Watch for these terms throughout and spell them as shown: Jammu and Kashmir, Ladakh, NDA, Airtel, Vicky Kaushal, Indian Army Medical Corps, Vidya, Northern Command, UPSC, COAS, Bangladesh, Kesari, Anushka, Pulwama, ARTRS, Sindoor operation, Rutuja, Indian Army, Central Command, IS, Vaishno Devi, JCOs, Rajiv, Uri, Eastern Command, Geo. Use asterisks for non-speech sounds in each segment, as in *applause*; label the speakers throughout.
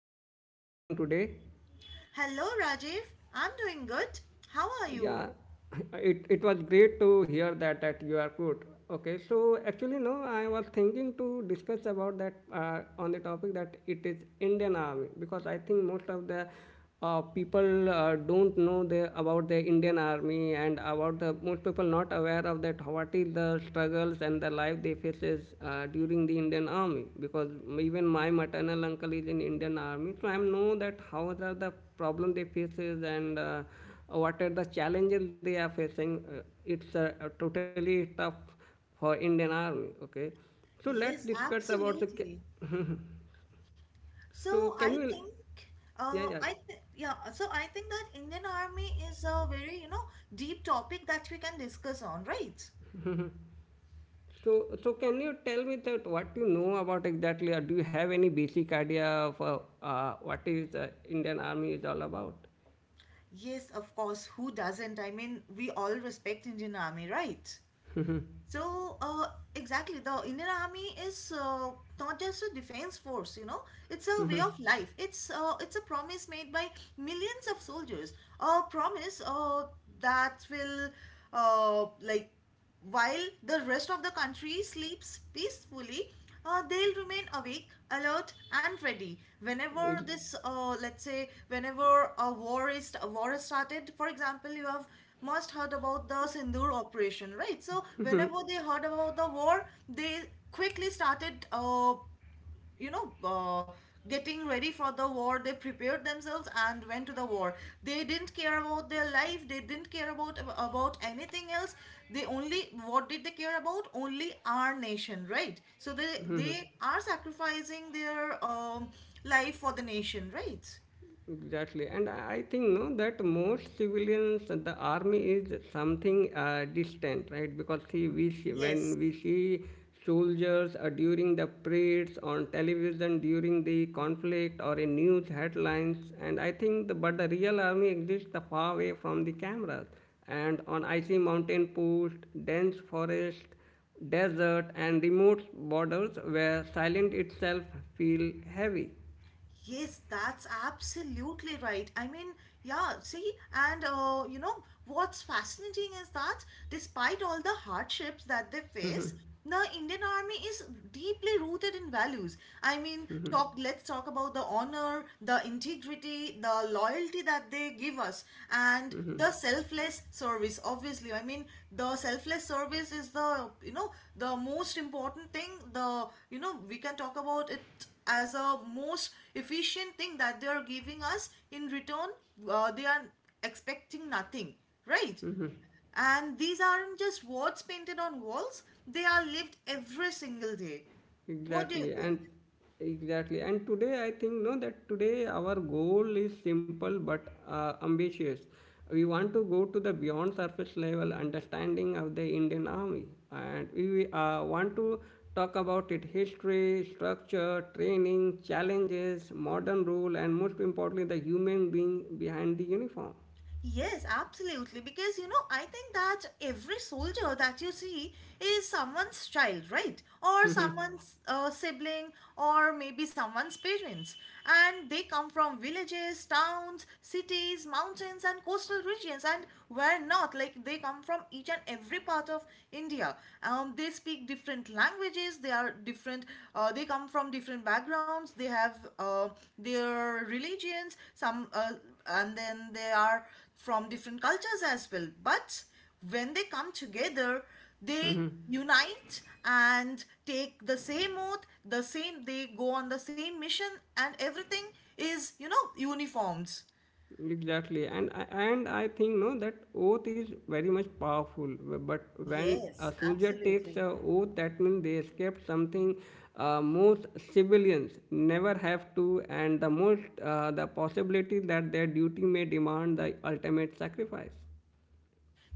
Speaker 1: Anushka, how are you doing today?
Speaker 2: Hello, Rajiv. I'm doing good. How are you?
Speaker 1: Yeah, *laughs* it was great to hear that you are good. Okay, so actually, no, I was thinking to discuss about that on the topic that it is Indian Army because I think most of the people don't know the, about the Indian Army and about the most people not aware of that what is the struggles and the life they faces during the Indian Army because even my maternal uncle is in Indian Army, so I know that how are the problem they faces and what are the challenges they are facing. It's totally tough for Indian Army. Okay, so let's
Speaker 2: Yes,
Speaker 1: discuss about the.
Speaker 2: absolutely.
Speaker 1: Ca- *laughs* so
Speaker 2: So
Speaker 1: can
Speaker 2: I
Speaker 1: you,
Speaker 2: think,
Speaker 1: yeah, yeah.
Speaker 2: I th yeah. So I think that Indian Army is a very, you know, deep topic that we can discuss on, right?
Speaker 1: So can you tell me that what you know about exactly, or do you have any basic idea of what is Indian Army is all about?
Speaker 2: Yes, of course. Who doesn't? I mean, we all respect Indian Army, right? So, exactly, the Indian Army is not just a defense force, you know, it's a way of life. It's a promise made by millions of soldiers. A promise that will, uh, like, while the rest of the country sleeps peacefully, they'll remain awake, alert, and ready. Whenever
Speaker 1: Ex-
Speaker 2: this, let's say, whenever a war is started. For example, you have must heard about the Sindoor operation, right? So whenever they heard about the war, they quickly started. You know, uh, Getting ready for the war, they prepared themselves and went to the war. They didn't care about their life. They didn't care about anything else. They only, what did they care about? Only our nation, right? So they are sacrificing their life for the nation, right?
Speaker 1: Exactly, and I think no that most civilians, the army is something distant, right? Because see, we see, when
Speaker 2: Yes,
Speaker 1: we see soldiers during the parades on television during the conflict or in news headlines, and I think the, but the real army exists the far away from the cameras, and on icy mountain post, dense forest, desert, and remote borders where silence itself feel heavy.
Speaker 2: Yes, that's absolutely right. I mean, yeah, see, and you know, what's fascinating is that despite all the hardships that they face, the Indian Army is deeply rooted in values. I mean, let's talk about the honor, the integrity, the loyalty that they give us, and the selfless service, obviously. I mean, the selfless service is the, you know, the most important thing. The, you know, we can talk about it as a most efficient thing that they are giving us in return. They are expecting nothing, right? And these aren't just words painted on walls, they are lived every single day. What do you
Speaker 1: Exactly,
Speaker 2: think?
Speaker 1: and exactly, and today I think no that today our goal is simple but ambitious. We want to go to the beyond surface level understanding of the Indian Army, and we want to talk about its history, structure, training, challenges, modern rule, and most importantly, the human being behind the uniform.
Speaker 2: Yes, absolutely. Because you know, I think that every soldier that you see is someone's child, right? Or someone's sibling, or maybe someone's parents. And they come from villages, towns, cities, mountains, and coastal regions. And where not, like they come from each and every part of India. They speak different languages. They are different. They come from different backgrounds. They have their religions. Some and then they are from different cultures as well. But when they come together, they unite and take the same oath, the same, they go on the same mission, and everything is, you know, uniformed.
Speaker 1: Exactly, and I think no that oath is very much powerful. But when a
Speaker 2: Yes,
Speaker 1: soldier takes
Speaker 2: absolutely.
Speaker 1: a oath, that means they escape something most civilians never have to, and the most the possibility that their duty may demand the ultimate sacrifice.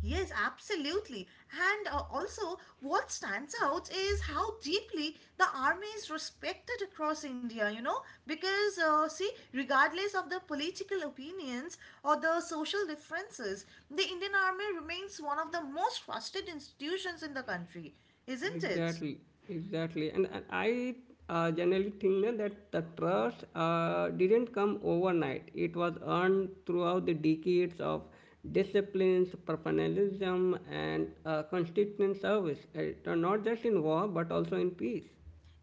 Speaker 2: Yes, absolutely. And also, what stands out is how deeply the army is respected across India, you know, because, see, regardless of the political opinions or the social differences, the Indian army remains one of the most trusted institutions in the country, isn't it?
Speaker 1: Exactly, exactly. And I generally think that the trust didn't come overnight. It was earned throughout the decades of disciplines, professionalism, and consistent service, not just in war but also in peace.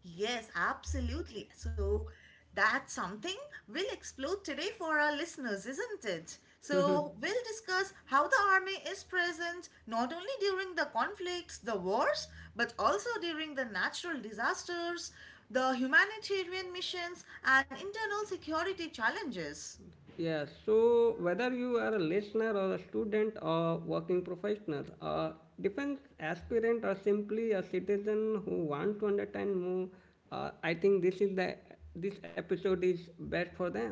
Speaker 2: Yes, absolutely. So that's something we'll explore today for our listeners, isn't it? So we'll discuss how the army is present not only during the conflicts, the wars, but also during the natural disasters, the humanitarian missions, and internal security challenges.
Speaker 1: Yeah, so whether you are a listener or a student or working professional, a defense aspirant or simply a citizen who wants to understand more, I think this episode is best for them.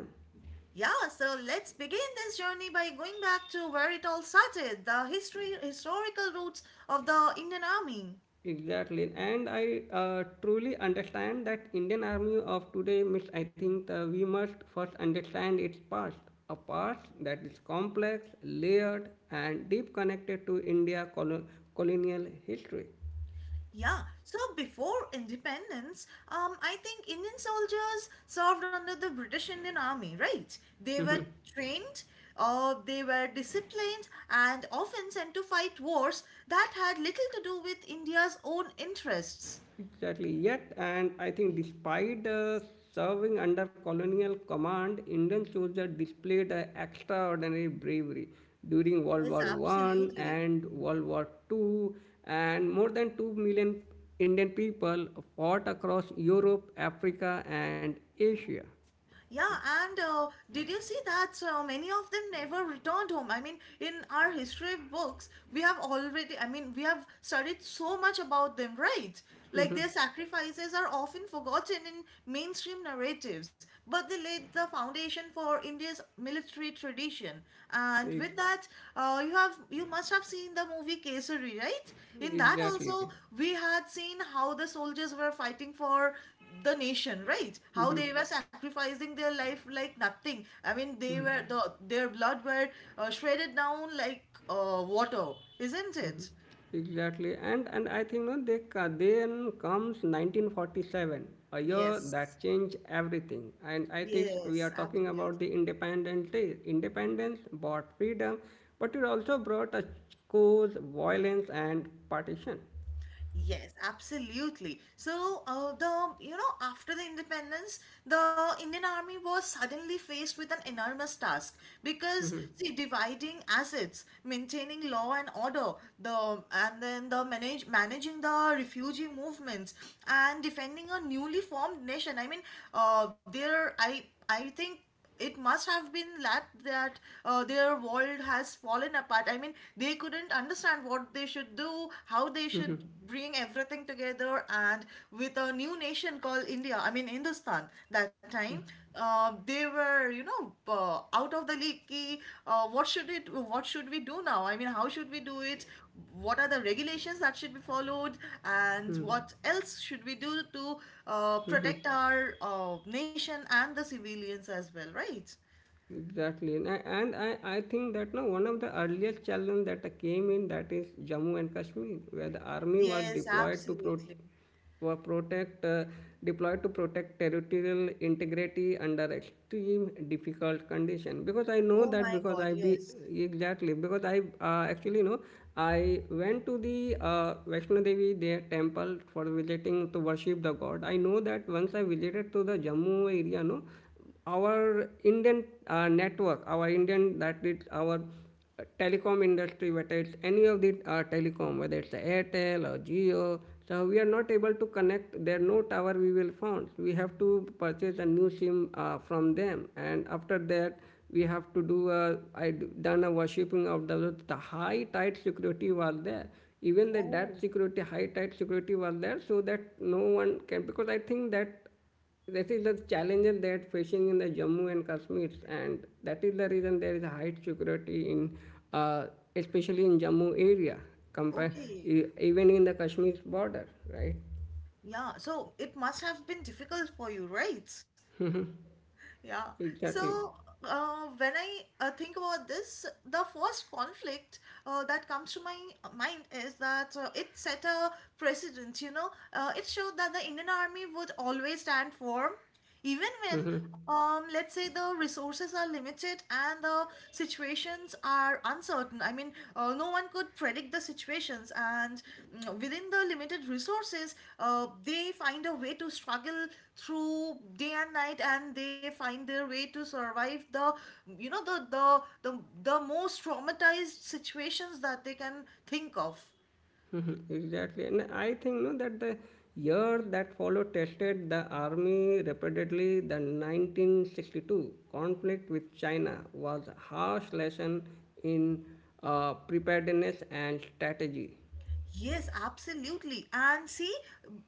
Speaker 2: Yeah, so let's begin this journey by going back to where it all started, the history historical roots of the Indian Army.
Speaker 1: Exactly, and I truly understand that Indian Army of today miss. I think we must first understand its past, a past that is complex, layered, and deep connected to colonial history.
Speaker 2: Yeah, so before independence, I think Indian soldiers served under the British Indian Army, right? They were trained, they were disciplined, and often sent to fight wars that had little to do with India's own interests.
Speaker 1: Exactly. Yet, and I think despite serving under colonial command, Indian soldiers displayed extraordinary bravery during World
Speaker 2: Yes,
Speaker 1: War One
Speaker 2: absolutely.
Speaker 1: and World War Two, and more than 2 million Indian people fought across Europe, Africa, and Asia.
Speaker 2: Yeah, and did you see that many of them never returned home? I mean, in our history books, we have already, I mean, we have studied so much about them, right? Like their sacrifices are often forgotten in mainstream narratives, but they laid the foundation for India's military tradition. And
Speaker 1: Ex-
Speaker 2: with that, you must have seen the movie Kesari, right? In that
Speaker 1: Exactly.
Speaker 2: also, we had seen how the soldiers were fighting for the nation, right? How they were sacrificing their life like nothing. I mean, they were the their blood were shredded down like water, isn't it?
Speaker 1: Exactly, and I think no, then comes 1947, a year
Speaker 2: Yes,
Speaker 1: that changed everything. And I think
Speaker 2: yes,
Speaker 1: we are talking
Speaker 2: absolutely.
Speaker 1: about the Independence Day. Independence brought freedom, but it also brought a cause, violence, and partition.
Speaker 2: Yes, absolutely. So, the you know after the independence, the Indian Army was suddenly faced with an enormous task, because see, dividing assets, maintaining law and order, the and then the manage managing the refugee movements and defending a newly formed nation. I mean, there I think it must have been that their world has fallen apart. I mean, they couldn't understand what they should do, how they should bring everything together, and with a new nation called India, I mean Hindustan that time, they were you you know out of the league ki, what should it what should we do now. I mean, how should we do it? What are the regulations that should be followed, and what else should we do to protect our nation and the civilians as well, right?
Speaker 1: Exactly, and I think that no one of the earliest challenge that I came in that is Jammu and Kashmir, where the army was
Speaker 2: Yes,
Speaker 1: deployed
Speaker 2: absolutely.
Speaker 1: were protect deployed to protect territorial integrity under extreme difficult condition. Because I know
Speaker 2: Oh
Speaker 1: that
Speaker 2: my
Speaker 1: because
Speaker 2: god,
Speaker 1: I be
Speaker 2: yes.
Speaker 1: exactly because I actually know I went to the Vaishno Devi their temple for visiting to worship the god. I know that once I visited to the Jammu area, no our Indian network, our Indian that is our telecom industry, whether it's any of the telecom, whether it's Airtel or Geo, so we are not able to connect. There are no tower we will find. We have to purchase a new SIM from them, and after that we have to do a I done a worshipping of the high tight security was there. Even the that
Speaker 2: Oh,
Speaker 1: security high tight security was there so that no one can because I think that this is the challenges that facing in the Jammu and Kashmir, and that is the reason there is a high security in, uh, especially in Jammu area, compare
Speaker 2: okay.
Speaker 1: even in the Kashmir border, right?
Speaker 2: Yeah, so it must have been difficult for you, right? Yeah. So
Speaker 1: Exactly,
Speaker 2: when I think about this, the first conflict that comes to my mind is that it set a precedent. You know, it showed that the Indian Army would always stand firm, even when, let's say, the resources are limited and the situations are uncertain. I mean, no one could predict the situations, and within the limited resources, they find a way to struggle through day and night, and they find their way to survive the, you know, the the most traumatized situations that they can think of.
Speaker 1: *laughs* exactly. And I think no that the year that follow tested the army repeatedly, the 1962 conflict with China was a harsh lesson in preparedness and strategy.
Speaker 2: Yes, absolutely. And see,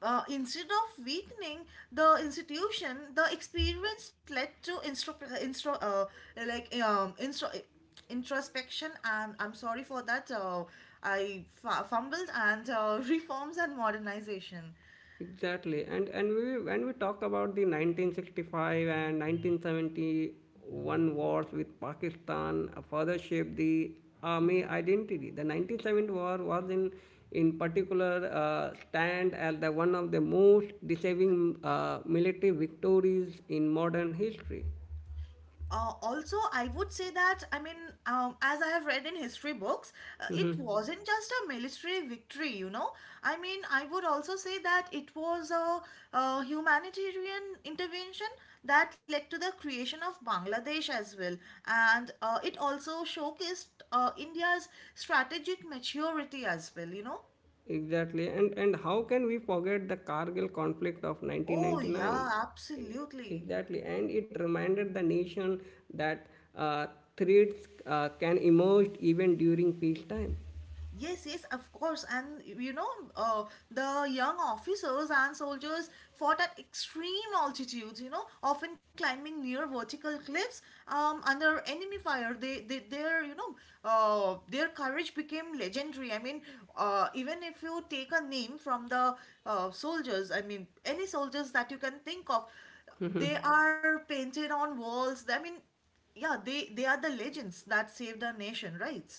Speaker 2: instead of weakening the institution, the experience led to instro, uh, like um, instro, introspection. And I'm sorry for that. Fumbled and *laughs* reforms and modernization.
Speaker 1: Exactly. And we when we talk about the 1965 and 1971 wars with Pakistan further shaped the army identity. The 1970 war was in particular stand as the one of the most deceiving military victories in modern history.
Speaker 2: Also, I would say that, I mean, as I have read in history books, it
Speaker 1: *laughs*
Speaker 2: wasn't just a military victory, you know. I mean, I would also say that it was a, uh, humanitarian intervention that led to the creation of Bangladesh as well. And it also showcased India's strategic maturity as well, you know.
Speaker 1: Exactly. And how can we forget the Kargil conflict of
Speaker 2: Oh,
Speaker 1: 1999?
Speaker 2: yeah,
Speaker 1: E-
Speaker 2: absolutely.
Speaker 1: Exactly. And it reminded the nation that uh, threats can emerge even during peacetime.
Speaker 2: Yes, yes, of course. And you know, the young officers and soldiers fought at extreme altitudes, you know, often climbing near vertical cliffs under enemy fire. Their you know, their courage became legendary. I mean, even if you take a name from the soldiers, I mean, any soldiers that you can think of, they are painted on walls. I mean, yeah, they are the legends that saved our nation, right?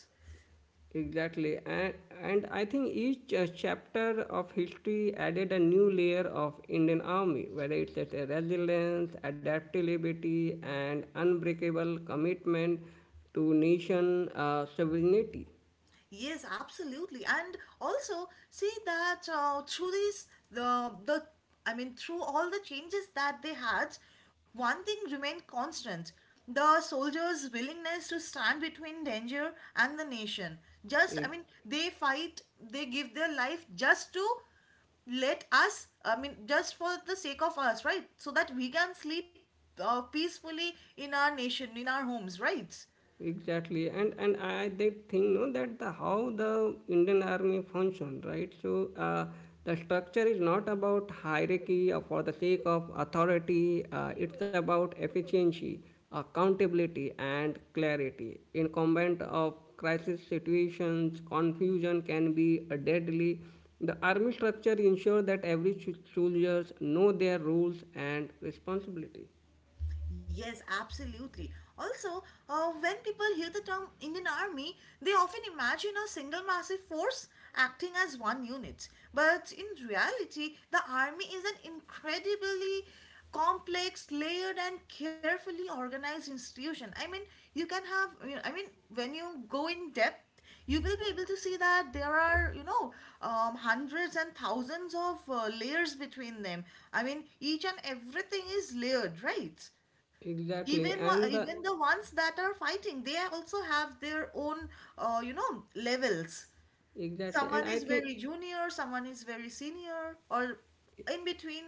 Speaker 1: Exactly. And I think each chapter of history added a new layer of Indian army, whether it's at a resilience, adaptability, and unbreakable commitment to nation sovereignty.
Speaker 2: Yes, absolutely. And also see that through these the I mean through all the changes that they had, one thing remained constant. The soldiers' willingness to stand between danger and the nation. Just I
Speaker 1: E,
Speaker 2: mean they fight, they give their life just to let us, I mean just for the sake of us, right? So that we can sleep peacefully in our nation, in our homes, right?
Speaker 1: Exactly, and I they think no that the how the Indian army function right. So the structure is not about hierarchy or for the sake of authority. It's about efficiency, accountability, and clarity. In combat of crisis situations, confusion can be deadly. The army structure ensures that every soldiers know their roles and responsibility.
Speaker 2: Yes, absolutely. Also, when people hear the term Indian Army, they often imagine a single massive force acting as one unit. But in reality, the army is an incredibly complex, layered, and carefully organized institution. I mean, you can have, you know, I mean, when you go in depth, you will be able to see that there are, you know, hundreds and thousands of layers between them. I mean, each and everything is layered, right?
Speaker 1: Exactly,
Speaker 2: Even
Speaker 1: and the
Speaker 2: even the ones that are fighting, they also have their own you know, levels.
Speaker 1: exactly,
Speaker 2: Someone
Speaker 1: and
Speaker 2: is
Speaker 1: I
Speaker 2: very
Speaker 1: think
Speaker 2: junior, someone is very senior, or in between,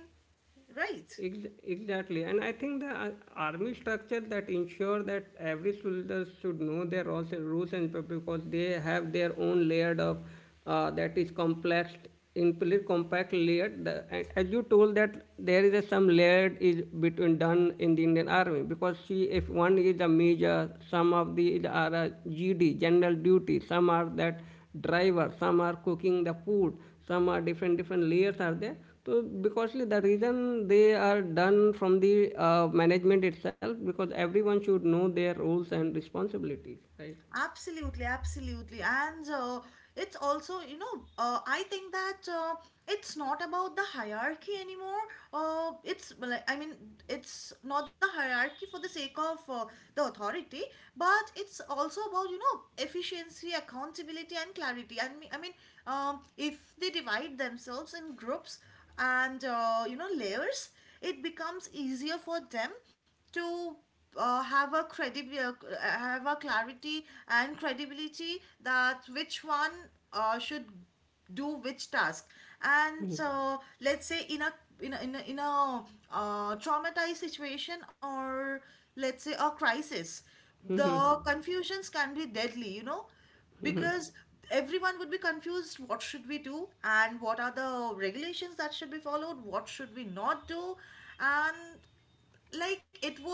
Speaker 2: right?
Speaker 1: Ex- Exactly, and I think the army structure that ensure that every soldier should know their roles and rules and purpose because they have their own layered of that is complex, implicit compact layered. The, and as you told that there is a, some layered is between done in the Indian army because see if one is a major, some of the are a GD general duty, some are that driver some are cooking the food some are different different layers are there so because the reason they are done from the management itself because everyone should know their roles and responsibilities right.
Speaker 2: Absolutely, absolutely. And it's also, you know, I think that it's not about the hierarchy anymore. It's, like, I mean, it's not the hierarchy for the sake of the authority, but it's also about, you know, efficiency, accountability, and clarity. I mean if they divide themselves in groups and, you know, layers, it becomes easier for them to have a credibility, have a clarity and credibility that which one should do which task. And so, let's say, in a in a traumatized situation, or let's say a crisis, the confusions can be deadly, you know, because everyone would be confused what should we do and what are the regulations that should be followed, what should we not do, and like it would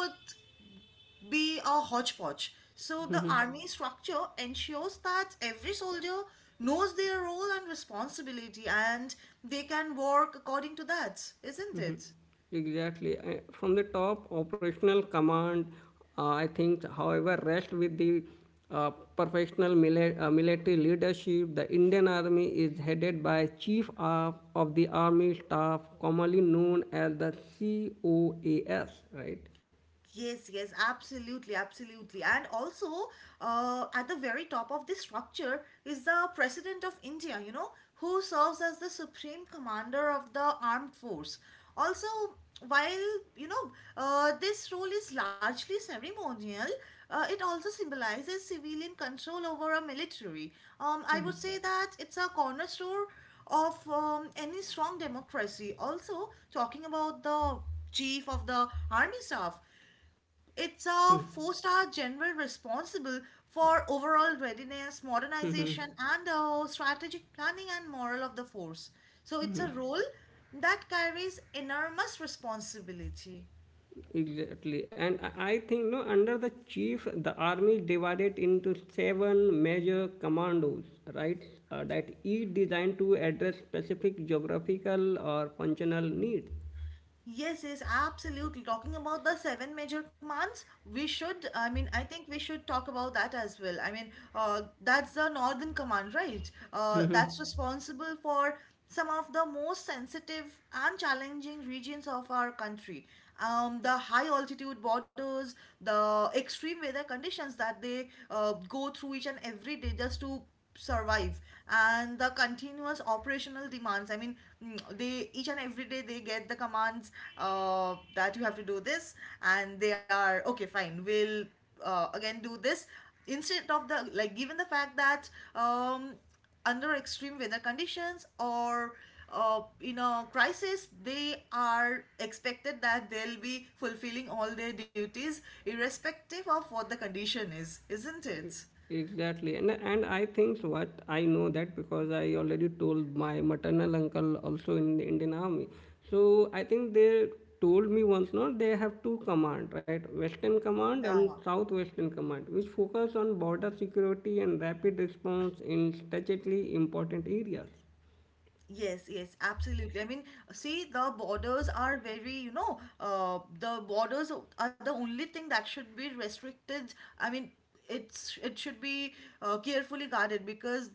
Speaker 2: be a hodgepodge. So the army structure ensures that every soldier knows their role and responsibility and they can work according to that, isn't it?
Speaker 1: Exactly. From the top operational command, I think, however, rest with the professional military leadership. The Indian Army is headed by Chief of the Army Staff, commonly known as the COAS, right?
Speaker 2: Yes, yes, absolutely, absolutely. And also, at the very top of this structure is the President of India, you know, who serves as the Supreme Commander of the Armed Force. Also, while, you know, this role is largely ceremonial, it also symbolizes civilian control over a military. I would say that it's a cornerstone of any strong democracy. Also, talking about the chief of the army staff, it's a four-star general responsible for overall readiness, modernization, and strategic planning and morale of the force. So it's a role that carries enormous responsibility.
Speaker 1: Exactly. And I think no under the chief the army divided into seven major commandos, right? That Each designed to address specific geographical or functional needs.
Speaker 2: Yes, yes, absolutely. Talking about the seven major commands, we should, I mean, I think we should talk about that as well. I mean, that's the Northern Command, right? That's responsible for some of the most sensitive and challenging regions of our country. The high altitude borders, the extreme weather conditions that they go through each and every day just to survive, and the continuous operational demands, I mean, they, each and every day they get the commands, that you have to do this, and they are, okay, fine, we'll again do this instead of the, like, given the fact that um, under extreme weather conditions or in a crisis, they are expected that they'll be fulfilling all their duties irrespective of what the condition is, isn't it?
Speaker 1: Exactly, and I think what I know that because I already told my maternal uncle also in the Indian Army. So I think they told me once not they have two command right western command and
Speaker 2: Yeah.
Speaker 1: southwestern command which focus on border security and rapid response in strategically important areas.
Speaker 2: Yes, yes, absolutely. I mean, see, the borders are very, you know, the borders are the only thing that should be restricted. I mean, it should be carefully guarded, because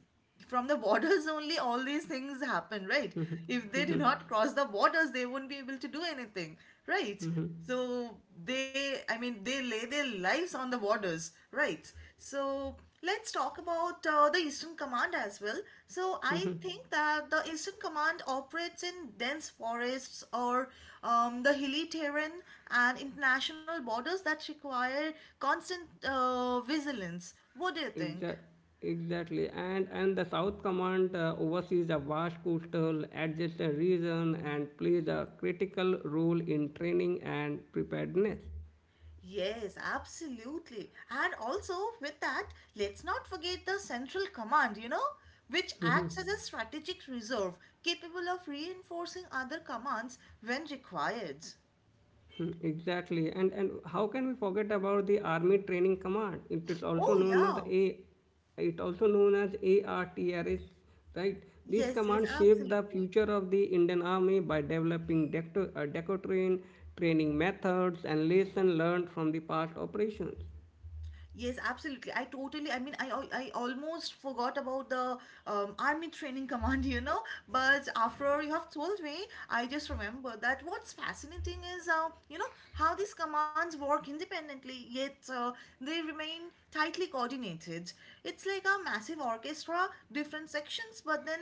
Speaker 2: from the *laughs* borders only all these things happen, right? If they do not cross the borders, they won't be able to do anything, right? So they, I mean, they lay their lives on the borders, right? So let's talk about the Eastern Command as well. So, I think that the Eastern Command operates in dense forests or the hilly terrain and international borders that require constant vigilance. What do you think?
Speaker 1: Exact, exactly, and the South Command oversees a vast coastal adjacent region and plays a critical role in training and preparedness.
Speaker 2: Yes, absolutely. And also, with that, let's not forget the Central Command, you know, which acts as a strategic reserve capable of reinforcing other commands when required.
Speaker 1: Exactly. And how can we forget about the Army Training Command? It is also
Speaker 2: Oh,
Speaker 1: known as the
Speaker 2: yeah.
Speaker 1: A it also known as ARTRS, right? This
Speaker 2: Yes, yes,
Speaker 1: command shaped the
Speaker 2: absolutely.
Speaker 1: future of the Indian Army by developing decotrain training methods and lesson learned from the past operations.
Speaker 2: Yes, absolutely. I totally, I mean, I almost forgot about the army training *laughs* command, you know, but after you have told me, I just remember that what's fascinating is, you know, how these commands work independently, yet they remain tightly coordinated. It's like a massive orchestra, different sections, but then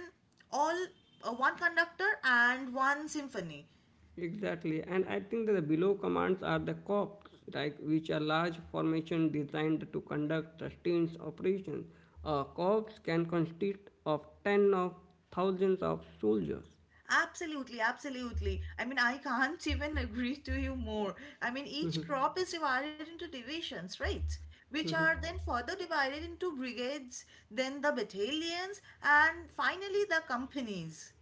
Speaker 2: all one conductor and one symphony.
Speaker 1: Exactly, and I think that the below commands are the corps, like which are large formation designed to conduct sustained operations. A corps can consist of ten of thousands of soldiers.
Speaker 2: Absolutely, absolutely. I mean, I can't *laughs* even agree to you more. I mean, each crop is divided into divisions, right? Which are then further divided into brigades, then the battalions, and finally the companies.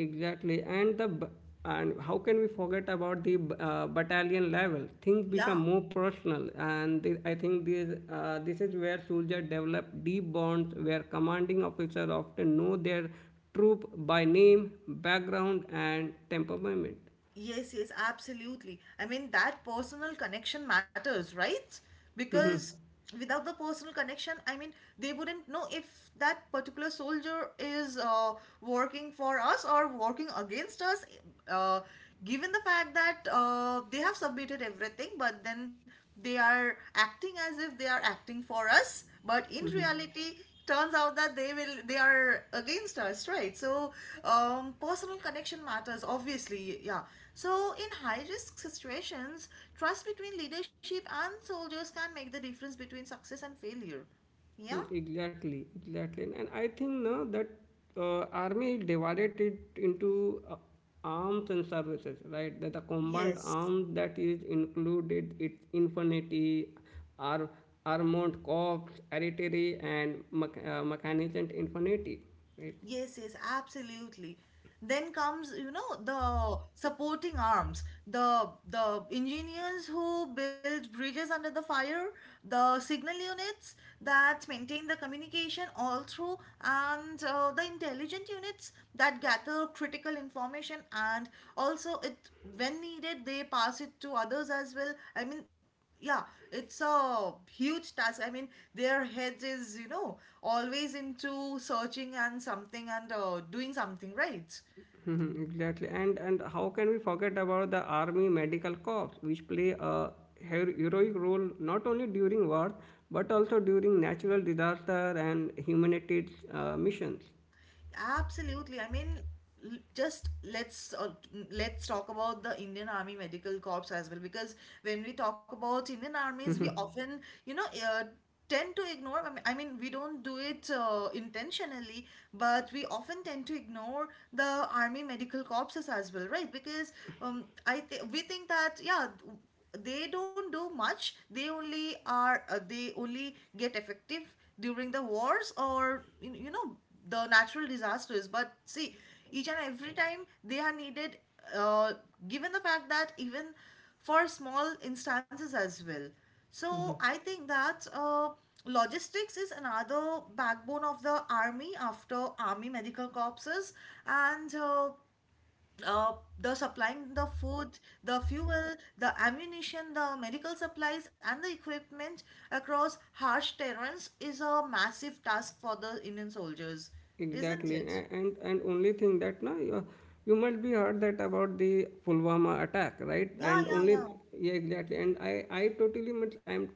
Speaker 1: Exactly, and how can we forget about the battalion level things become
Speaker 2: Yeah.
Speaker 1: more personal and the, I think this this is where soldiers develop deep bonds where commanding officers often know their troop by name background and temperament.
Speaker 2: Yes, yes, absolutely. I mean, that personal connection matters, right? Because without the personal connection, I mean, they wouldn't know if that particular soldier is working for us or working against us, uh, given the fact that they have submitted everything, but then they are acting as if they are acting for us. But in reality, turns out that they are against us, right? So personal connection matters, obviously. Yeah. So in high risk situations, trust between leadership and soldiers can make the difference between success and failure. Yeah.
Speaker 1: Exactly, and I think no that army divided it into arms and services, right? That the combat
Speaker 2: Yes,
Speaker 1: arms that is included its infantry, ar- armored corps, artillery, and mechanized infantry, right?
Speaker 2: yes, yes, absolutely. Then comes, you know, the supporting arms, the engineers who build bridges under the fire, the signal units that maintain the communication all through, and the intelligent units that gather critical information and also it, when needed, they pass it to others as well. I mean, yeah, it's a huge task. I mean, their heads is, you know, always into searching and something and doing something, right?
Speaker 1: Mhm, Exactly, and how can we forget about the army medical corps, which play a heroic role not only during wars but also during natural disaster and humanitarian missions.
Speaker 2: Absolutely. I mean, just let's talk about the Indian Army Medical Corps as well, because when we talk about Indian armies, we often, you know, tend to ignore. I mean, we don't do it intentionally, but we often tend to ignore the Army Medical Corpses as well, right? Because I th we think that, yeah, they don't do much. They only are. They only get effective during the wars, or you know, the natural disasters. But see, each and every time they are needed, uh, given the fact that even for small instances as well. So I think that logistics is another backbone of the army after army medical corpses, and uh, the supplying the food, the fuel, the ammunition, the medical supplies, and the equipment across harsh terrains is a massive task for the Indian soldiers,
Speaker 1: Exactly,
Speaker 2: isn't it?
Speaker 1: and only thing that now you must be heard that about the Pulwama attack, right?
Speaker 2: Yeah,
Speaker 1: And
Speaker 2: yeah,
Speaker 1: only
Speaker 2: yeah.
Speaker 1: Yeah, exactly. And I totally much I'm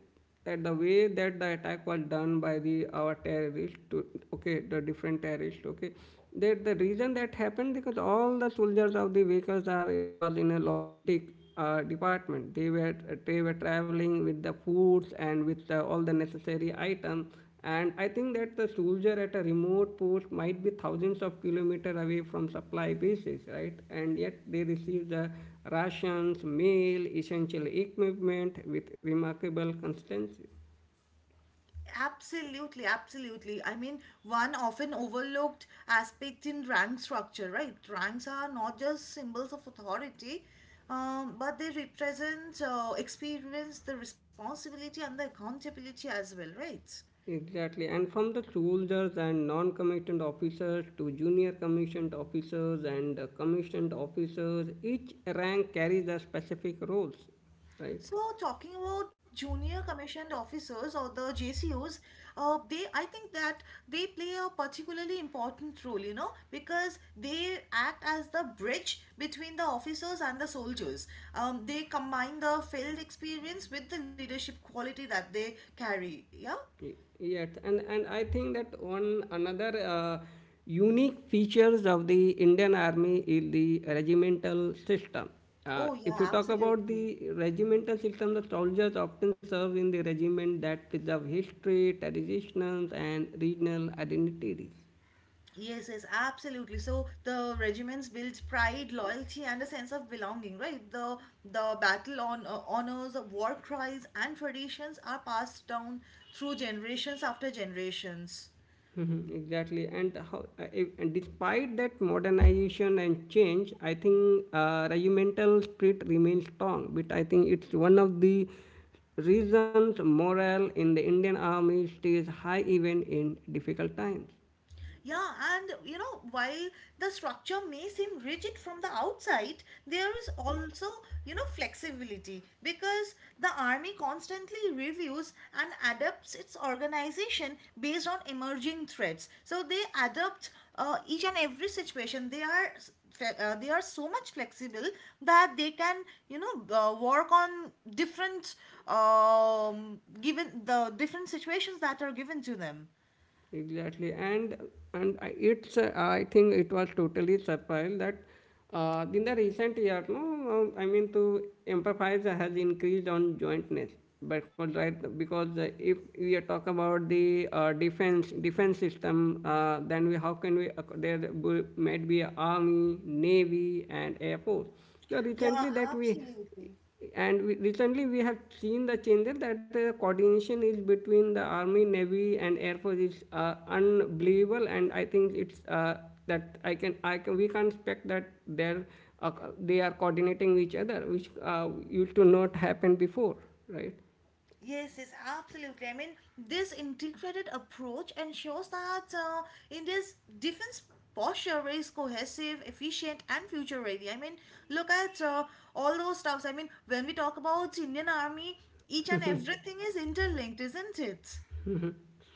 Speaker 1: That the way that the attack was done by the our terrorists, to, okay, the different terrorists, okay. That the reason that happened because all the soldiers of the vehicles are was in a logistic department. They were traveling with the foods and with all the necessary items. And I think that the soldier at a remote post might be thousands of kilometers away from supply bases, right? And yet they receive the rations, mail, essential equipment with remarkable constancy.
Speaker 2: Absolutely, absolutely. I mean, one often overlooked aspect in rank structure, right? Ranks are not just symbols of authority, but they represent experience, the responsibility, and the accountability as well, right?
Speaker 1: Exactly, and from the soldiers and non-commissioned officers to junior commissioned officers and commissioned officers, each rank carries the specific roles, right?
Speaker 2: So talking about junior commissioned officers or the JCOs, they I think that they play a particularly important role, you know, because they act as the bridge between the officers and the soldiers. They combine the field experience with the leadership quality that they carry. Yeah.
Speaker 1: Yes, and I think that one another unique features of the Indian Army is the regimental system.
Speaker 2: Oh yeah,
Speaker 1: If you talk about
Speaker 2: absolutely.
Speaker 1: the regimental system, the soldiers often serve in the regiment that preserve history, traditions, and regional identities.
Speaker 2: Yes, yes, absolutely. So the regiments built pride, loyalty, and a sense of belonging, right? The battle on honors, war cries, and traditions are passed down through generations after generations.
Speaker 1: Mhm, exactly. And how and despite that modernization and change, I think regimental spirit remains strong, but I think it's one of the reasons morale in the Indian Army stays high even in difficult times.
Speaker 2: Yeah, and you know, while the structure may seem rigid from the outside, there is also, you know, flexibility because the army constantly reviews and adapts its organization based on emerging threats. So they adapt each and every situation. They are they are so much flexible that they can, you know, work on different given the different situations that are given to them.
Speaker 1: Exactly, and it's I think it was totally surprised that in the recent year, no, I mean to empathize has increased on jointness because, right? Because if we are talk about the defense system, then we how can we there might be army, navy, and air force. So
Speaker 2: Yeah,
Speaker 1: recently that we
Speaker 2: absolutely.
Speaker 1: and we, recently we have seen the changes that the coordination is between the army, navy, and air force is unbelievable. And I think it's that I can we can expect that they're uh, they are coordinating each other, which used to not happen before, right?
Speaker 2: Yes, yes, absolutely. I mean, this integrated approach ensures that India's defense posture is cohesive, efficient, and future ready. I mean, look at all those stuffs. I mean, when we talk about Indian Army, each and everything is interlinked, isn't it?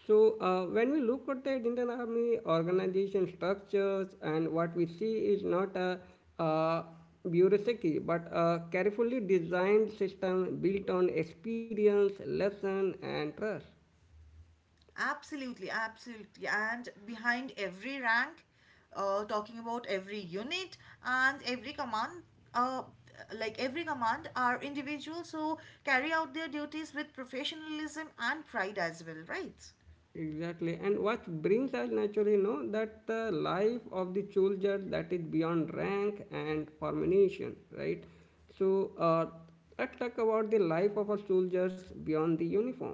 Speaker 1: So, when we look at the Indian Army organization structures, and what we see is not a, uh bureaucracy but a carefully designed system built on experience, lesson, and trust.
Speaker 2: Absolutely, absolutely. And behind every rank, talking about every unit and every command, uh, are individuals who carry out their duties with professionalism and pride as well, right?
Speaker 1: Exactly, and what brings us naturally know that the life of the soldier that is beyond rank and formation, right? So, let's talk about the life of a soldiers beyond the uniform.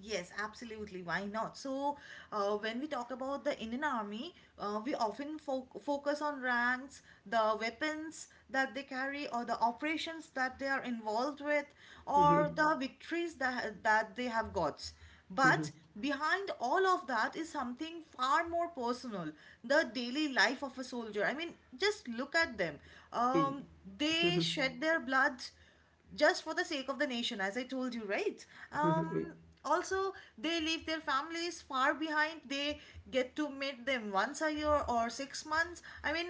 Speaker 2: Yes, absolutely. Why not? So, when we talk about the Indian Army, focus on ranks, the weapons that they carry, or the operations that they are involved with, or the victories that, they have got. But behind all of that is something far more personal, the daily life of a soldier. I mean, just look at them.
Speaker 1: Ex-
Speaker 2: Um, they shed their blood just for the sake of the nation, as I told you, right? Um, Also, they leave their families far behind. They get to meet them once a year or 6 months. I mean,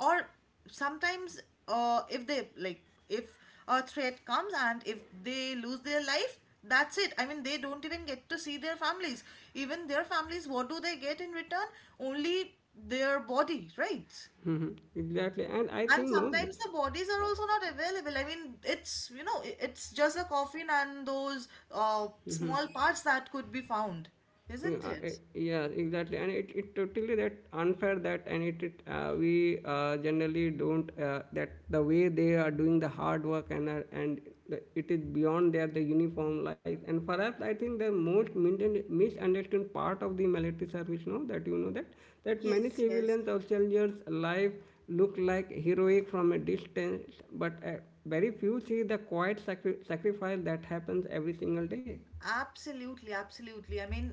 Speaker 2: or sometimes, if they like, if a threat comes and if they lose their life, that's it. I mean, they don't even get to see their families. Even their families, what do they get in return? Only their body, right?
Speaker 1: Mhm. Exactly, and I
Speaker 2: And
Speaker 1: think no,
Speaker 2: sometimes the bodies are also not available. I mean, it's, you know, it's just a coffin and those small parts that could be found, isn't it?
Speaker 1: yeah, exactly, and it totally that unfair that and it we generally don't that the way they are doing the hard work and it is beyond their the uniform life, and perhaps I think the most misunderstood part of the military service now that you know that many
Speaker 2: Yes, yes.
Speaker 1: civilians or soldiers life look like heroic from a distance, but very few see the quiet sacrifice that happens every single day.
Speaker 2: Absolutely, absolutely. I mean,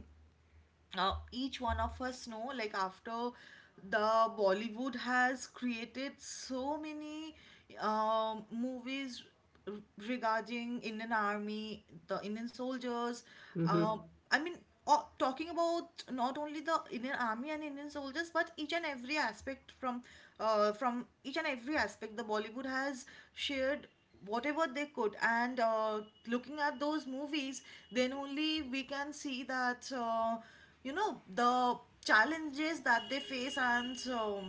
Speaker 2: each one of us know, like, after the bollywood has created so many movies r- regarding Indian army, the Indian soldiers.
Speaker 1: Mm-hmm,
Speaker 2: um i mean Talking about not only the Indian army and Indian soldiers but each and every aspect, from each and every aspect, the bollywood has shared whatever they could. And looking at those movies, then only we can see that you know, the challenges that they face and so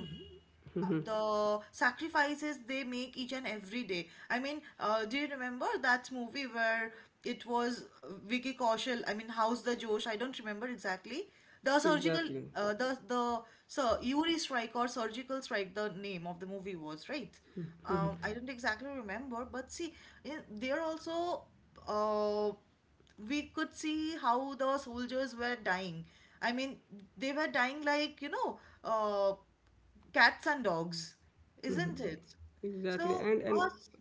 Speaker 1: mm-hmm.
Speaker 2: the sacrifices they make each and every day. I mean, do you remember that movie where it was Vicky Kaushal? I mean, How's the Josh? I don't remember exactly. The surgical,
Speaker 1: Exactly,
Speaker 2: the so Uri strike or surgical strike, the name of the movie was, right? I don't exactly remember, but see, in, there also, uh, we could see how the soldiers were dying. I mean, they were dying like, you know, cats and dogs, isn't it?
Speaker 1: exactly,
Speaker 2: So,
Speaker 1: and
Speaker 2: us,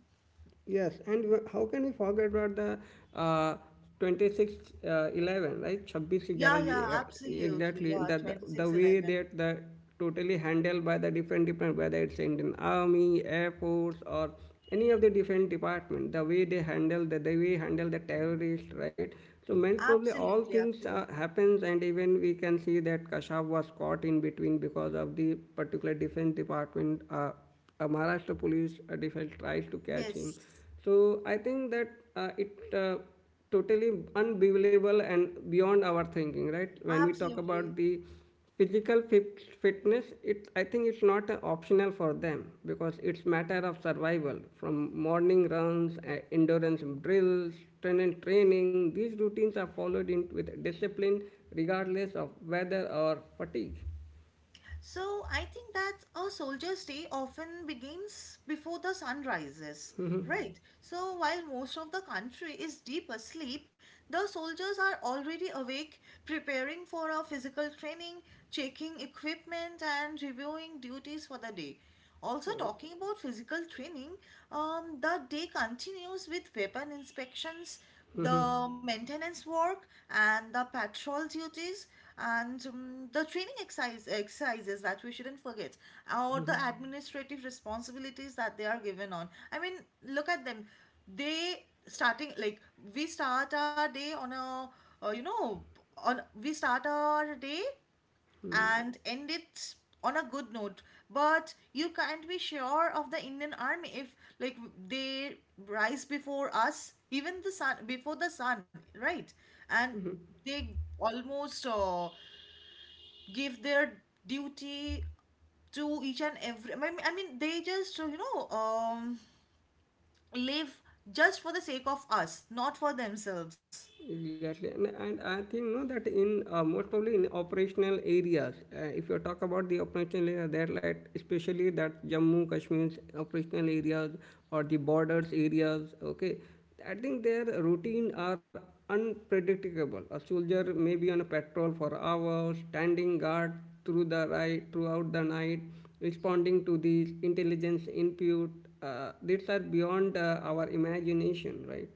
Speaker 1: yes. And how can we forget about the uh, 26 11, right? 26
Speaker 2: yeah,
Speaker 1: 11,
Speaker 2: yeah, absolutely.
Speaker 1: exactly.
Speaker 2: Yeah,
Speaker 1: The way
Speaker 2: 2611.
Speaker 1: that the totally handled by the different whether it's Indian Army, Air Force, or any of the different department, the way they handle the way handle the terrorist, right? So most probably all
Speaker 2: Absolutely,
Speaker 1: things
Speaker 2: absolutely.
Speaker 1: happens, and even we can see that Kashab was caught in between because of the particular defense department. Maharashtra police defense tries to catch him.
Speaker 2: Yes,
Speaker 1: So I think that it totally unbelievable and beyond our thinking, right? When we talk
Speaker 2: absolutely.
Speaker 1: about the physical fitness, it I think it's not optional for them because it's matter of survival. From morning runs, endurance drills, strength training, these routines are followed in with discipline regardless of weather or fatigue.
Speaker 2: So I think that a soldier's day often begins before the sun rises, right? So while most of the country is deep asleep, the soldiers are already awake, preparing for a physical training, checking equipment, and reviewing duties for the day. Also, talking about physical training, the day continues with weapon inspections, the maintenance work, and the patrol duties, and the training exercises that we shouldn't forget, or the administrative responsibilities that they are given on. I mean, look at them. They starting like, we start our day on a you know on we start our day and end it on a good note. But you can't be sure of the Indian Army. If like they rise before us, even the sun, before the sun, right? And they almost give their duty to each and every. I mean, they just live, just for the sake of us, not for themselves.
Speaker 1: Exactly, and I think no, that in most probably in operational areas, if you talk about the operational area, there like especially that Jammu Kashmir's operational areas or the borders areas, okay, I think their routine are unpredictable. A soldier may be on a patrol for hours, standing guard throughout the night, responding to these intelligence input. These are beyond our imagination, right?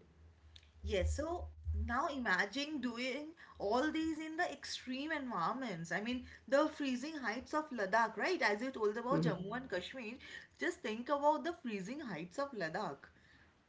Speaker 2: Yes, so now imagine doing all these in the extreme environments. I mean, the freezing heights of Ladakh, right? As you told about Jammu and Kashmir, just think about the freezing heights of Ladakh.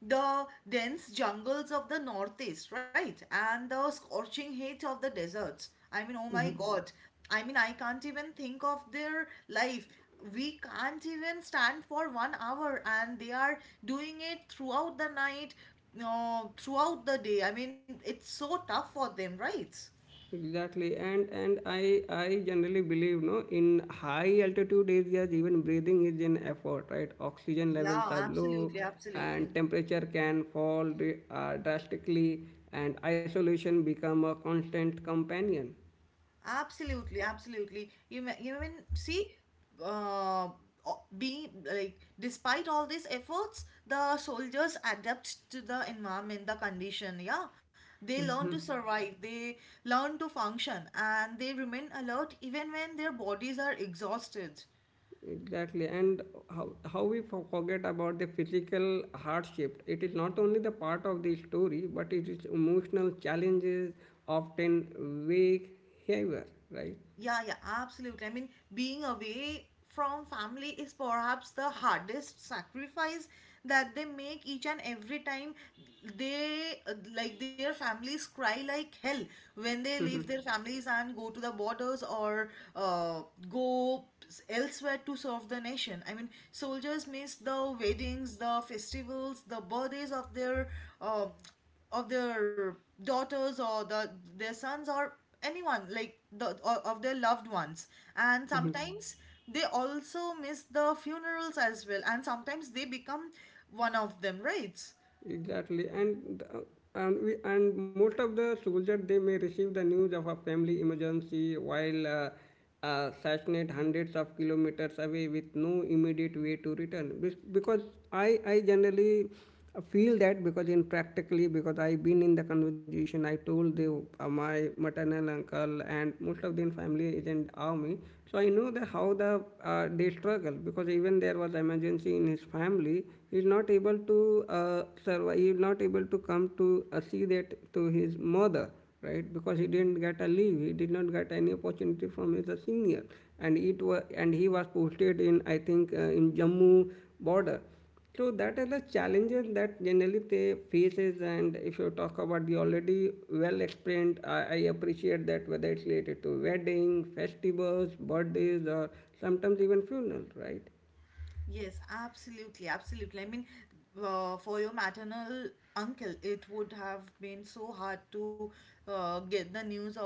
Speaker 2: The dense jungles of the northeast, right? And the scorching heat of the deserts. I mean, oh my God. I mean, I can't even think of their life. We can't even stand for 1 hour, and they are doing it throughout the night, no, throughout the day. I mean, it's so tough for them, right?
Speaker 1: Exactly, and I generally believe no in high altitude areas even breathing is an effort, right? Oxygen
Speaker 2: Yeah,
Speaker 1: levels are
Speaker 2: absolutely,
Speaker 1: low,
Speaker 2: absolutely.
Speaker 1: and temperature can fall drastically, and isolation become a constant companion.
Speaker 2: Absolutely, absolutely. You mean see, uh, being like, despite all these efforts, the soldiers adapt to the environment, the condition. Yeah, they learn to survive. They learn to function, and they remain alert even when their bodies are exhausted.
Speaker 1: Exactly, and how how we forget about the physical hardship. It is not only the part of the story, but it is emotional challenges often weigh heavier, right?
Speaker 2: Yeah, yeah, absolutely. I mean, being away from family is perhaps the hardest sacrifice that they make each and every time they like, their families cry like hell when they leave their families and go to the borders, or uh, go elsewhere to serve the nation. I mean, soldiers miss the weddings, the festivals, the birthdays of their uh, of their daughters, or their sons, or anyone like of their loved ones. And sometimes they also miss the funerals as well, and sometimes they become one of them, right?
Speaker 1: Exactly, and we and most of the soldiers they may receive the news of a family emergency while stationed hundreds of kilometers away with no immediate way to return. Because I generally feel that because in practically because I've been in the conversation I told the my maternal uncle and most of them family is in army, so I know the how the they struggle because even there was emergency in his family. He is not able to survive. He is not able to come to see that to his mother, right? Because he didn't get a leave, he did not get any opportunity from his senior. And he was posted in I think in Jammu border. So that is the challenges that generally they faces. And if you talk about the already well explained, I appreciate that whether it's related to wedding, festivals, birthdays or sometimes even funerals, right?
Speaker 2: Yes, absolutely, absolutely. I mean, for your maternal uncle, it would have been so hard to get the news of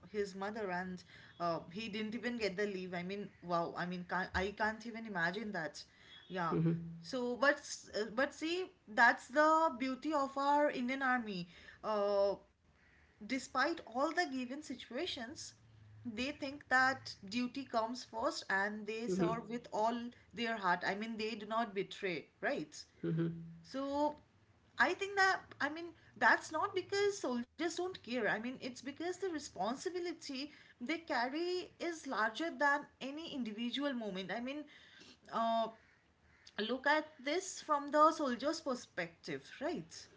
Speaker 2: his mother, and he didn't even get the leave. I mean, wow. I mean, can't, I can't even imagine that. Yeah.
Speaker 1: Mm-hmm.
Speaker 2: So, but see, that's the beauty of our Indian Army. Uh, despite all the given situations, they think that duty comes first, and they
Speaker 1: Mm-hmm.
Speaker 2: serve with all their heart. I mean, they do not betray, right?
Speaker 1: Mm-hmm.
Speaker 2: So I think that, I mean, that's not because soldiers don't care. I mean, it's because the responsibility they carry is larger than any individual moment. I mean, uh, look at this from the soldier's perspective, right?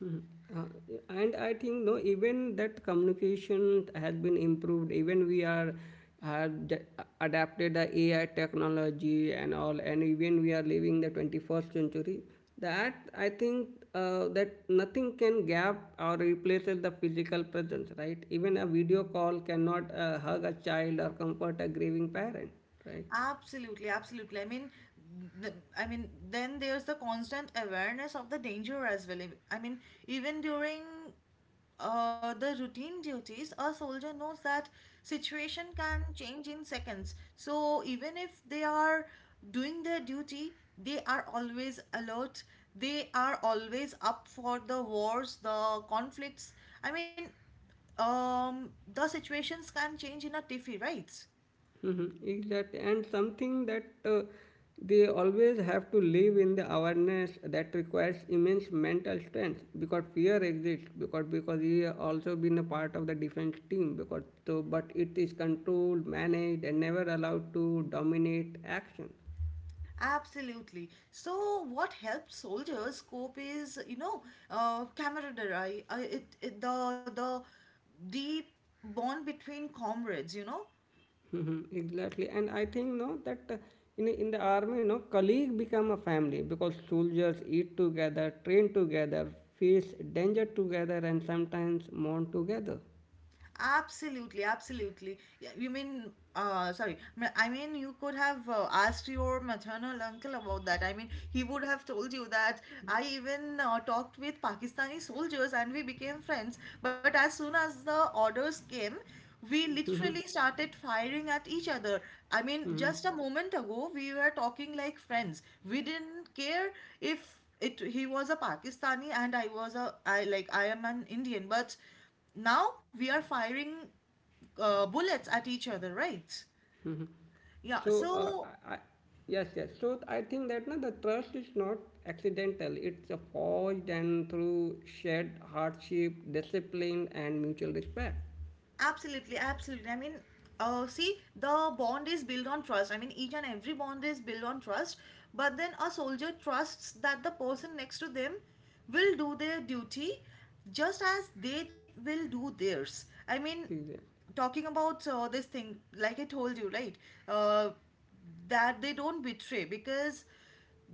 Speaker 1: Uh, and I think no, even that communication has been improved. Even we are have d- adapted the AI technology and all, and even we are living the 21st century. That I think that nothing can gap or replaces the physical presence, right? Even a video call cannot hug a child or comfort a grieving parent, right?
Speaker 2: Absolutely, absolutely. I mean, then there's the constant awareness of the danger as well. I mean, even during the routine duties, a soldier knows that situation can change in seconds. So even if they are doing their duty, they are always alert. They are always up for the wars, the conflicts. I mean, the situations can change in a tiffy, right?
Speaker 1: Mhm, exactly and something that they always have to live in the awareness that requires immense mental strength because fear exists because he has also been a part of the defense team because so but it is controlled managed and never allowed to dominate action.
Speaker 2: Absolutely. So, what helped soldiers cope is, you know, camaraderie. It, it the deep bond between comrades.
Speaker 1: Mhm, exactly and I think no that in the army no colleague become a family because soldiers eat together, train together, face danger together, and sometimes mourn together.
Speaker 2: Absolutely, absolutely. Yeah. You mean, sorry. M- I mean, you could have asked your maternal uncle about that. I mean, he would have told you that I even talked with Pakistani soldiers, and we became friends. But as soon as the orders came, we literally started firing at each other. I mean, just a moment ago, we were talking like friends. We didn't care if it he was a Pakistani and I was a I like I am an Indian, but now we are firing bullets at each other, right? Yeah,
Speaker 1: So,
Speaker 2: so
Speaker 1: I, I- yes, yes. So, I think that na the trust is not accidental. It's a forged and through shared hardship, discipline, and mutual respect.
Speaker 2: absolutely, absolutely. I mean, see, the bond is built on trust. I mean, each and every bond is built on trust, but then a soldier trusts that the person next to them will do their duty, just as they will do theirs. I mean, talking about this thing, like I told you, right? Uh, that they don't betray, because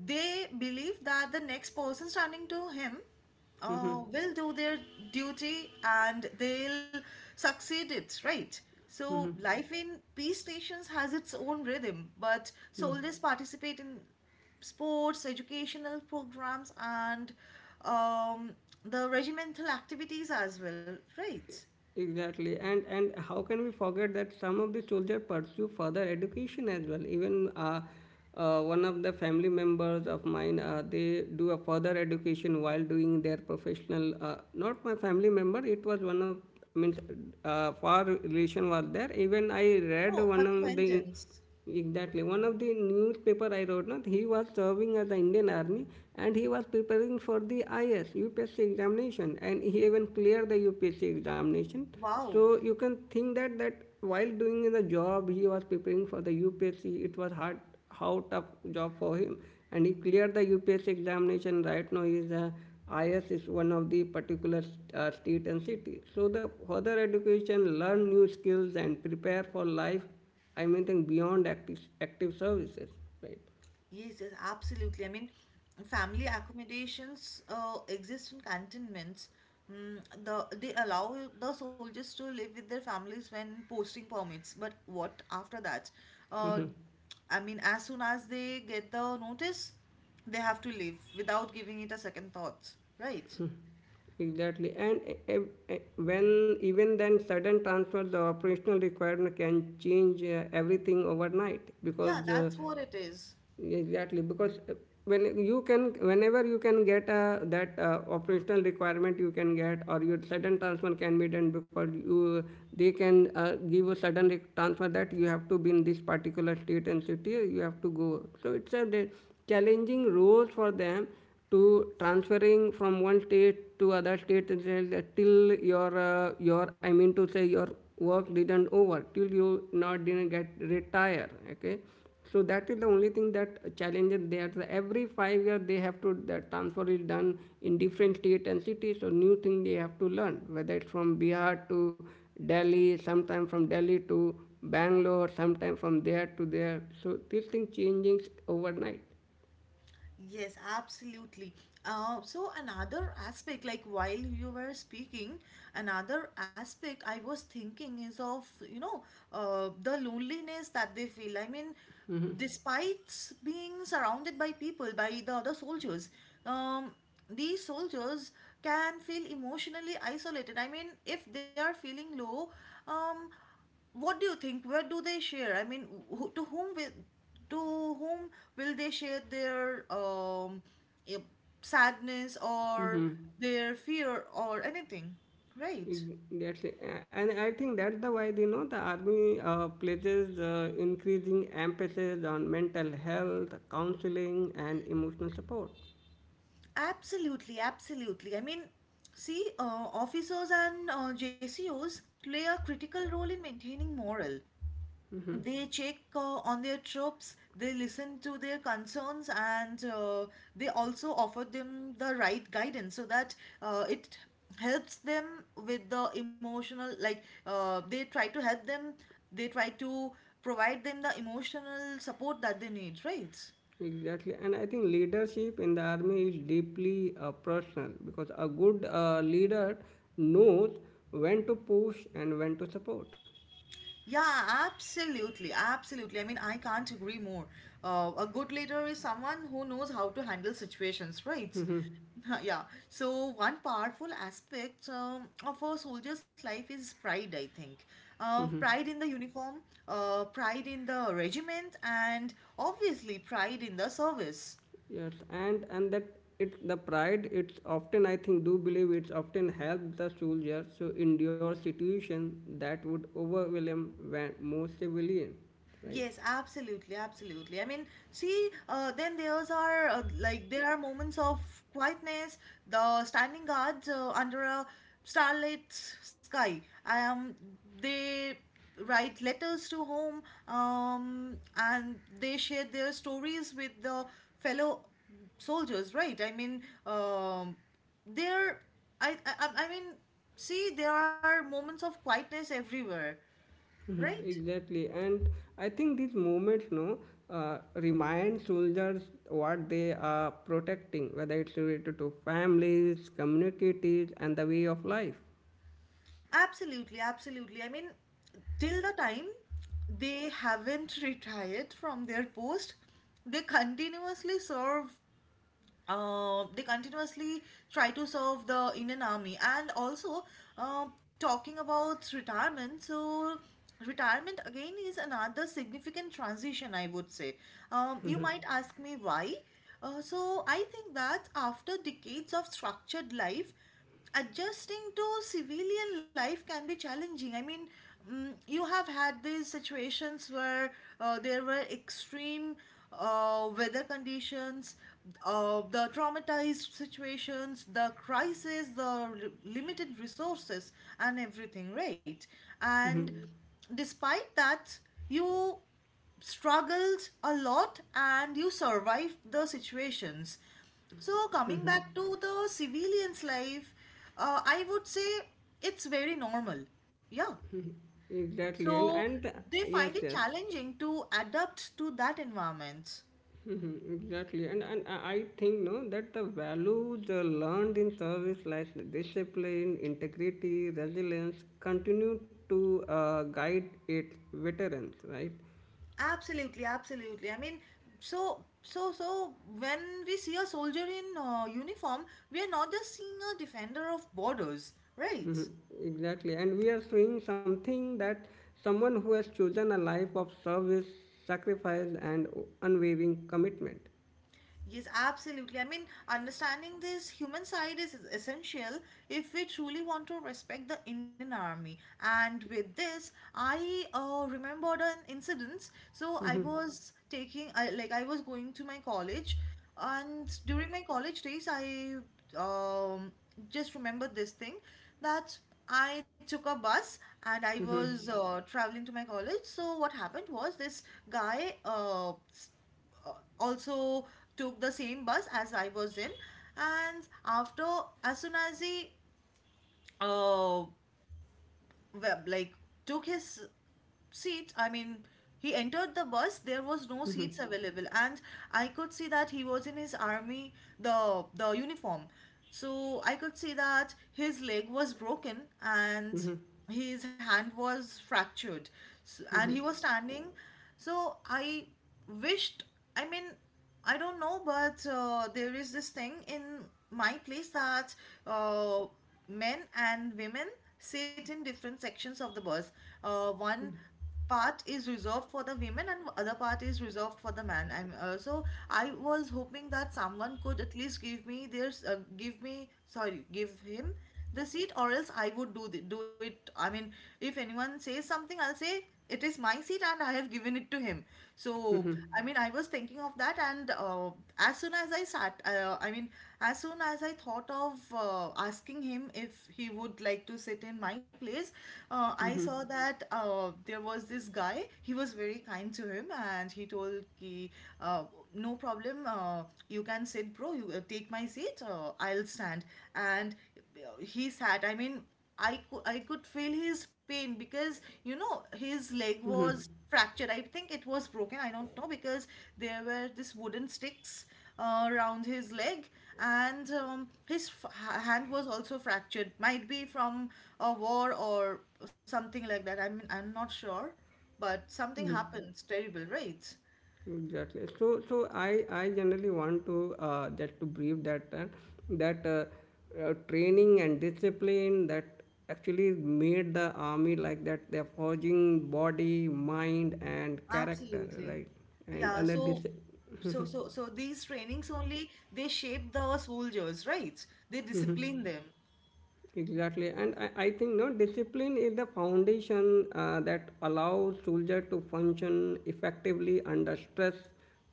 Speaker 2: they believe that the next person standing to him
Speaker 1: Exactly.
Speaker 2: will do their duty, and they'll succeed it, right? So life in peace stations has its own rhythm, but soldiers participate in sports, educational programs, and um, the regimental activities as well, right?
Speaker 1: Exactly, and how can we forget that some of the soldiers pursue further education as well? Even one of the family members of mine, they do a further education while doing their professional. Not my family member, it was one of means far relation was there. Even I read
Speaker 2: Oh,
Speaker 1: one of the.
Speaker 2: acquaintance.
Speaker 1: Exactly. One of the newspaper I wrote, not he was serving as the Indian Army and he was preparing for the IS UPSC examination and he even cleared the UPSC examination.
Speaker 2: Wow.
Speaker 1: So you can think that while doing the job he was preparing for the UPSC. It was hard, how tough job for him and he cleared the UPSC examination. Right now he is a IS is one of the particular state and city. So the further education, learn new skills and prepare for life, I mean think beyond active services, right?
Speaker 2: Yes, yes, absolutely. I mean, family accommodations exist in cantonments. They allow the soldiers to live with their families when posting permits. But what after that? Uh, I mean, as soon as they get the notice, they have to leave without giving it a second thought, right?
Speaker 1: Exactly, and uh, when even then sudden transfer, the operational requirement can change everything overnight
Speaker 2: Yeah,
Speaker 1: because
Speaker 2: that's what it is.
Speaker 1: exactly because when you can whenever you can get that operational requirement you can get or your sudden transfer can be done because you they can give a sudden transfer that you have to be in this particular state and city you have to go. So it's a challenging role for them to transferring from one state to other state until till your I mean to say your work didn't over till you not didn't get retire. Okay, so that is the only thing that challenges there. So every 5 year they have to the transfer is done in different state and cities. So new thing they have to learn whether it's from Bihar to Delhi, sometime from Delhi to Bangalore, sometime from there to there. So this thing changing overnight.
Speaker 2: Yes, absolutely. So another aspect, like while you were speaking, another aspect I was thinking is of, the loneliness that they feel. I mean, despite being surrounded by people, by the other soldiers, um, these soldiers can feel emotionally isolated. I mean, if they are feeling low, um, what do you think, where do they share? I mean, to whom will they share their eh, sadness, or their fear, or anything, right?
Speaker 1: Exactly, and I think that's the why you know the army places increasing emphasis on mental health, counseling, and emotional support.
Speaker 2: Absolutely, absolutely. I mean, see, officers and J C Os play a critical role in maintaining morale. They check on their trips, they listen to their concerns, and they also offer them the right guidance, so that it helps them with the emotional, like they try to help them, they try to provide them the emotional support that they need, right?
Speaker 1: Exactly, and I think leadership in the army is deeply personal because a good leader knows when to push and when to support.
Speaker 2: Yeah, absolutely, absolutely. I mean, I can't agree more. A good leader is someone who knows how to handle situations, right? *laughs*
Speaker 1: Hmm.
Speaker 2: Yeah. So one powerful aspect of a soldier's life is pride, I think. Pride in the uniform, pride in the regiment, and obviously pride in the service.
Speaker 1: Yes, and that it the pride it's often I think do believe it's often helped the soldiers to endure situation that would overwhelm most civilian, right?
Speaker 2: Yes, absolutely, absolutely. I mean, see, then there's are like, there are moments of quietness. The standing guards under a starlit sky. I am. They write letters to home, and they share their stories with the fellow soldiers. Right? I mean, there. I mean, see, there are moments of quietness everywhere.
Speaker 1: Mhm,
Speaker 2: Right?
Speaker 1: exactly, and I think these moments, no, remind soldiers what they are protecting, whether it's related to families, communities, and the way of life.
Speaker 2: Absolutely, absolutely. I mean, till the time they haven't retired from their post, they continuously serve. They continuously try to serve the Indian Army. And also talking about retirement. So retirement again is another significant transition, I would say. You might ask me why. So I think that after decades of structured life, adjusting to civilian life can be challenging. I mean, you have had these situations where there were extreme weather conditions, the traumatized situations, the crisis, the limited resources, and everything, right? And despite that, you struggled a lot, and you survived the situations. So, coming back to the civilian's life, I would say it's very normal. Yeah.
Speaker 1: Exactly, and
Speaker 2: So,
Speaker 1: and
Speaker 2: they
Speaker 1: yes,
Speaker 2: find it
Speaker 1: yes.
Speaker 2: challenging to adapt to that environment.
Speaker 1: Mm-hmm, exactly, and I think no that the values learned in service like discipline, integrity, resilience continue to guide its veterans, right?
Speaker 2: Absolutely, absolutely. I mean, so when we see a soldier in uniform, we are not just seeing a defender of borders, right?
Speaker 1: Mhm. Exactly, and we are seeing something that someone who has chosen a life of service, sacrifice, and unwavering commitment.
Speaker 2: Yes, absolutely. I mean, understanding this human side is essential if we truly want to respect the Indian Army. And with this, I remembered an incident. So I was taking, I, like, I was going to my college, and during my college days, I um, just remembered this thing, that I took a bus and I was traveling to my college. So what happened was, this guy uh, also took the same bus as I was in. And after, as soon as he, uh, well, like, took his seat, I mean, he entered the bus, there was no seats available. And I could see that he was in his army, the uniform. So I could see that his leg was broken and his hand was fractured. And he was standing, so I wished, I mean, I don't know, but there is this thing in my place, that uh, men and women sit in different sections of the bus. One part is reserved for the women, and other part is reserved for the man. I'm so I was hoping that someone could at least give me their s- give me sorry give him the seat, or else I would do do it. I mean, if anyone says something, I'll say it is my seat and I have given it to him. So I mean, I was thinking of that, and as soon as i sat uh, i mean as soon as I thought of asking him if he would like to sit in my place, I saw that there was this guy, he was very kind to him, and he told ki, uh, no problem, you can sit. Bro, you take my seat, I'll stand. And he sat. I mean, I could feel his pain, because his leg was fractured. I think it was broken. I don't know, because there were this wooden sticks around his leg, and his hand was also fractured. Might be from a war or something like that. I mean, I'm not sure, but something happened. It's terrible, right?
Speaker 1: Exactly. So, I generally want to just to brief that that uh, training and discipline that actually made the army like that. They're forging body, mind, and character,
Speaker 2: Absolutely.
Speaker 1: right? And
Speaker 2: Yeah,
Speaker 1: and the
Speaker 2: so these trainings only they shape the soldiers, right? They discipline them.
Speaker 1: Exactly. And I think no discipline is the foundation that allows soldier to function effectively under stress,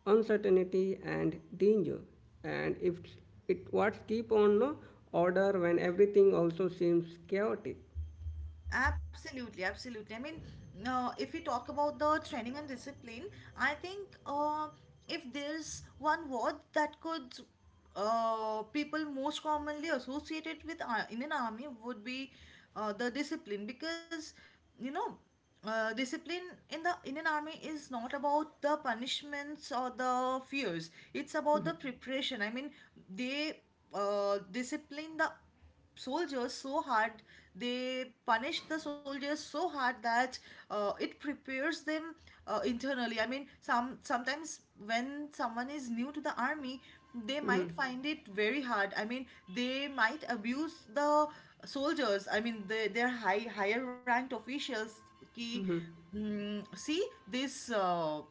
Speaker 1: uncertainty, and danger. And if it what keep on no order when everything also seems chaotic.
Speaker 2: Absolutely, absolutely. I mean, if we talk about the training and discipline, I think if there's one word that could people most commonly associated with Indian Army would be the discipline because you know discipline in the Indian Army is not about the punishments or the fears. It's about the preparation. I mean, they discipline the soldiers so hard, they punish the soldiers so hard that it prepares them internally. I mean, sometimes when someone is new to the army, they might find it very hard. I mean, they might abuse the soldiers. I mean, their higher ranked officials, ki, see this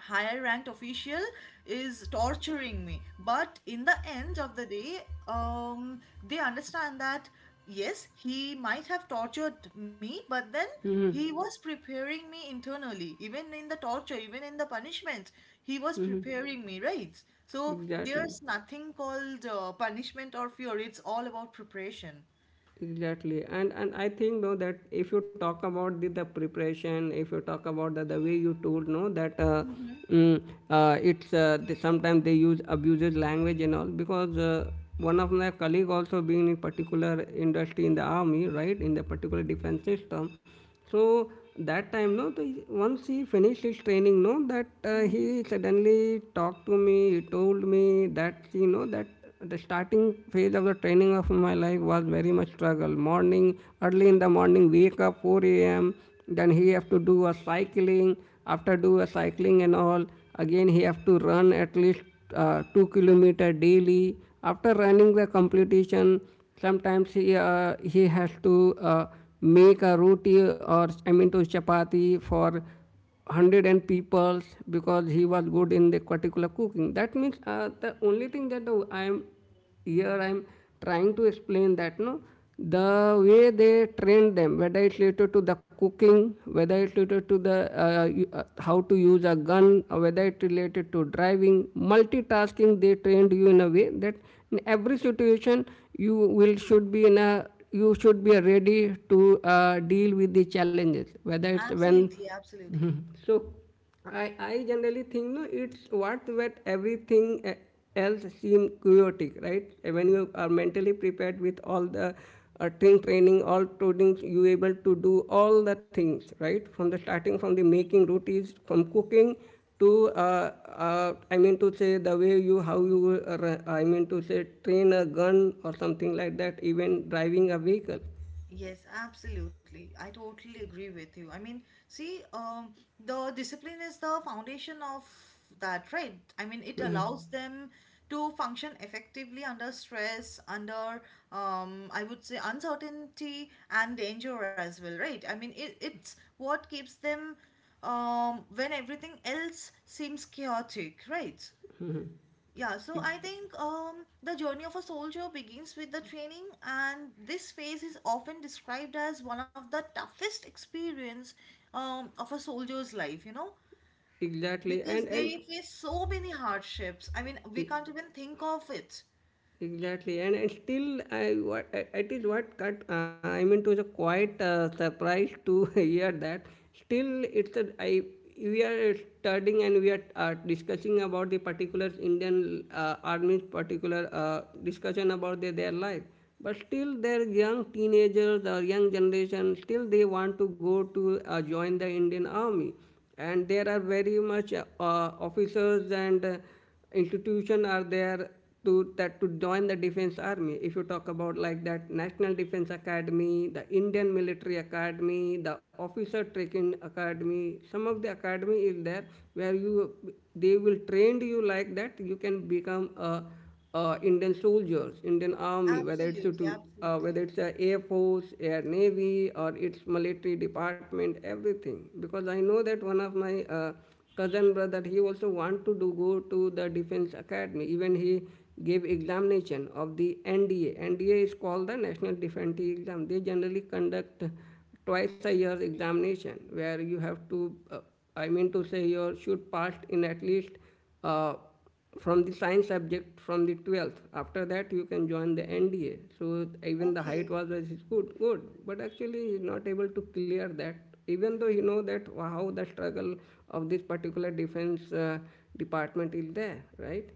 Speaker 2: higher ranked official is torturing me, but in the end of the day, they understand that yes, he might have tortured me, but then he was preparing me internally. Even in the torture, even in the punishment, he was preparing me, right? So
Speaker 1: Exactly.
Speaker 2: there's nothing called punishment or fear. It's all about preparation.
Speaker 1: Exactly. And I think though that if you talk about the preparation, if you talk about the way you told no that mm, it's they, sometimes they use abuses language and all because one of my colleague also being in particular industry in the army, right, in the particular defense system. So that time, no, the, once he finished his training, no, that
Speaker 2: Hmm.
Speaker 1: he suddenly talked to me. He told me that you know that the starting phase of the training of my life was very much struggle. Morning, early in the morning, wake up 4 a.m. Then he have to do a cycling. After do a cycling and all, again he have to run at least 2 kilometer daily. After running the competition, sometimes he has to. Make a roti or I mean to chapati for 100 and peoples because he was good in the particular cooking. That means the only thing that I am here I am trying to explain that no the way they train them, whether it's related to the cooking, whether it's related to the how to use a gun, or whether it's related to driving multitasking. They trained you in a way that in every situation you will should be in a you should be ready to deal with the challenges whether it's when.
Speaker 2: Absolutely, absolutely.
Speaker 1: Mhm. So I generally think no, it's what that everything else seem chaotic, right? When you are mentally prepared with all the thing training, all trainings, you able to do all the things, right? From the starting from the making rotis, from cooking to I mean to say the way you how you I mean to say train a gun or something like that, even driving a vehicle.
Speaker 2: Yes, absolutely. I totally agree with you. I mean, see, the discipline is the foundation of that, right? I mean, it allows them to function effectively under stress, under, I would say, uncertainty and danger as well, right? I mean, it's what keeps them, when everything else seems chaotic, right? Yeah, so
Speaker 1: E-
Speaker 2: I think the journey of a soldier begins with the training, and this phase is often described as one of the toughest experience of a soldier's life, you know,
Speaker 1: Exactly,
Speaker 2: because
Speaker 1: and
Speaker 2: they face so many hardships. I mean,
Speaker 1: e,
Speaker 2: we can't even think of it.
Speaker 1: Exactly, and still, it is what cut. I mean, it was a quite surprise to *laughs* hear that. Still, it's a I we are studying and we are discussing about the particular Indian army's particular discussion about their life. But still, their young teenagers or young generation still they want to go to join the Indian army, and there are very much officers and. Institution are there to that to join the defense army if you talk about like that National Defense Academy, the Indian Military Academy, the Officer Training Academy, some of the academy is there where you they will train you like that you can become a Indian soldiers, Indian army, whether it's
Speaker 2: Absolutely,
Speaker 1: to whether
Speaker 2: absolutely.
Speaker 1: it's air force, air navy, or it's military department, everything. Because I know that one of my cousin brother, he also want to do go to the defense academy. Even he gave examination of the NDA. NDA is called the National Defense Exam. They generally conduct twice a year examination where you have to, I mean to say, you should pass in at least. Uh, from the science subject from the 12th, after that you can join the NDA. So even the height
Speaker 2: Okay,
Speaker 1: was good, good, but actually he's not able to clear that even though you know that how the struggle of this particular defense department is there, right?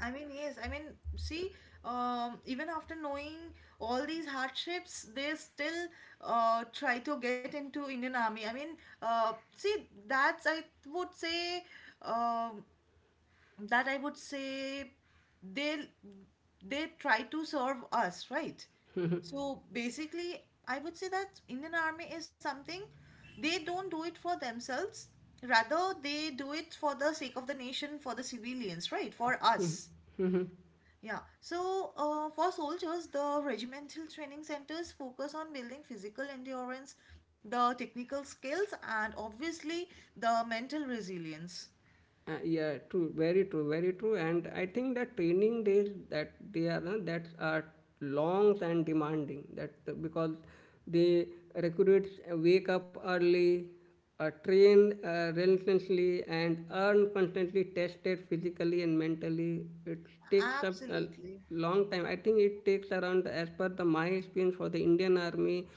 Speaker 2: I mean, yes, I mean, see, even after knowing all these hardships, they still try to get into Indian Army. I mean, see, that's, I would say, um, that I would say they try to serve us, right? So basically, I would say that Indian Army is something they don't do it for themselves. Rather, they do it for the sake of the nation, for the civilians, right? For us. Yeah, so for soldiers, the regimental training centers focus on building physical endurance, the technical skills, and obviously the mental resilience.
Speaker 1: Yeah, true, very true, very true. And I think that training days that they are that are long and demanding. That because the recruits wake up early, train relentlessly, and earn constantly tested physically and mentally. It takes up a
Speaker 2: Absolutely,
Speaker 1: long time. I think it takes around, as per the my experience for the Indian army,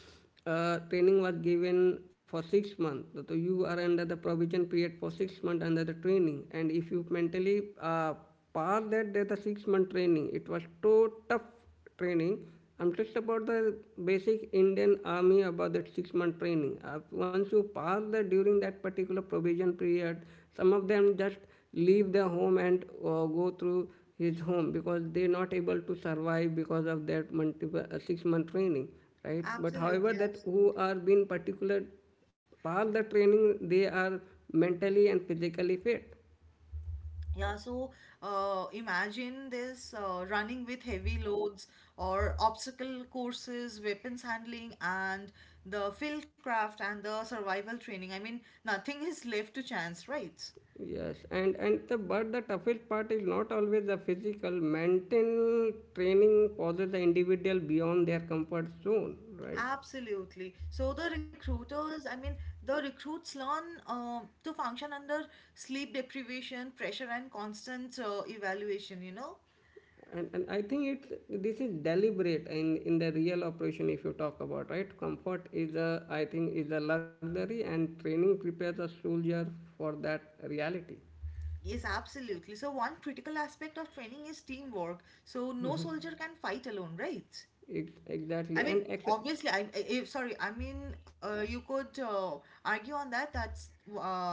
Speaker 1: training was given for 6 months, so you are under the provision period for 6 months under the training. And if you mentally pass that, there's a 6 month training. It was so tough training. I'm just about the basic Indian Army about that 6 month training. Once you pass the during that particular provision period, some of them just leave their home and go through his home because they're not able to survive because of that multiple 6 month training, right? But however,
Speaker 2: absolutely,
Speaker 1: that who
Speaker 2: absolutely.
Speaker 1: are being particular pass the training, they are mentally and physically fit.
Speaker 2: Yeah, so imagine this: running with heavy loads or obstacle courses, weapons handling, and the field craft and the survival training. I mean, nothing is left to chance, right?
Speaker 1: Yes, and the but the toughest part is not always the physical. Mental training poses the individual beyond their comfort zone, right?
Speaker 2: Absolutely. So the recruiters, I mean, the recruits learn to function under sleep deprivation, pressure, and constant evaluation, you know?
Speaker 1: And I think it's this is deliberate in the real operation. If you talk about right, comfort is a I think is a luxury, and training prepares a soldier for that reality.
Speaker 2: Yes, absolutely. So, one critical aspect of training is teamwork. So, no soldier can fight alone, right?
Speaker 1: Exactly,
Speaker 2: I mean, obviously, sorry. I mean, you could argue on that. That's uh,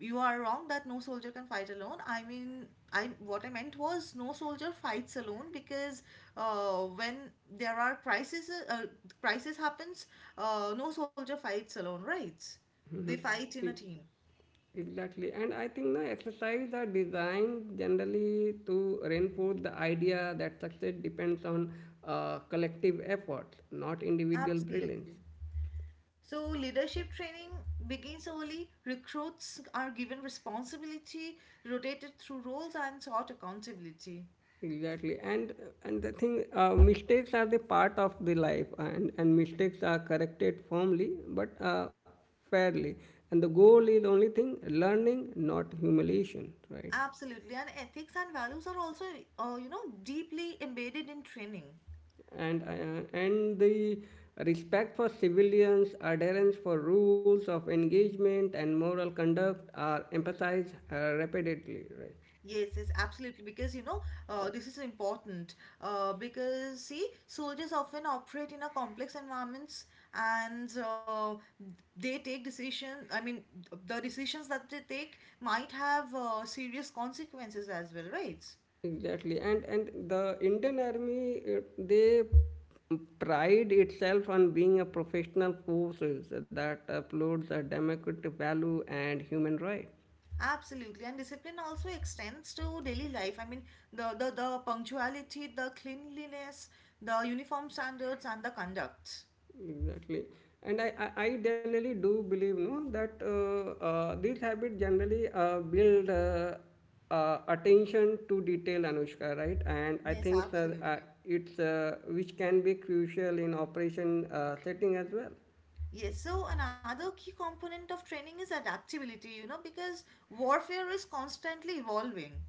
Speaker 2: you are wrong that no soldier can fight alone. I mean, I what I meant was no soldier fights alone because when there are crises, crisis happens. No soldier fights alone, right? They fight in a team.
Speaker 1: Exactly, and I think the exercise are designed generally to reinforce the idea that success depends on collective efforts, not individual brilliance.
Speaker 2: Absolutely. So, leadership training begins early. Recruits are given responsibility, rotated through roles, and sought accountability.
Speaker 1: Exactly, and the thing, mistakes are the part of the life, and mistakes are corrected firmly but fairly, and the goal is only thing learning, not humiliation, right?
Speaker 2: Absolutely, and ethics and values are also, deeply embedded in training.
Speaker 1: And and the respect for civilians, adherence for rules of engagement, and moral conduct are emphasized repeatedly. Right?
Speaker 2: Yes, yes, absolutely. Because you know, this is important. Because see, soldiers often operate in a complex environments, and they take decision. I mean, the decisions that they take might have serious consequences as well, right?
Speaker 1: Exactly, and the Indian Army they pride itself on being a professional forces that upholds a democratic value and human right.
Speaker 2: Absolutely, and discipline also extends to daily life. I mean, the punctuality, the cleanliness, the uniform standards, and the conduct.
Speaker 1: Exactly. And I generally do believe no that these habits generally build attention to detail, Anushka, right? And I
Speaker 2: Yes,
Speaker 1: think
Speaker 2: absolutely.
Speaker 1: it's which can be crucial in operation setting as well.
Speaker 2: Yes, so another key component of training is adaptability, you know, because warfare is constantly evolving.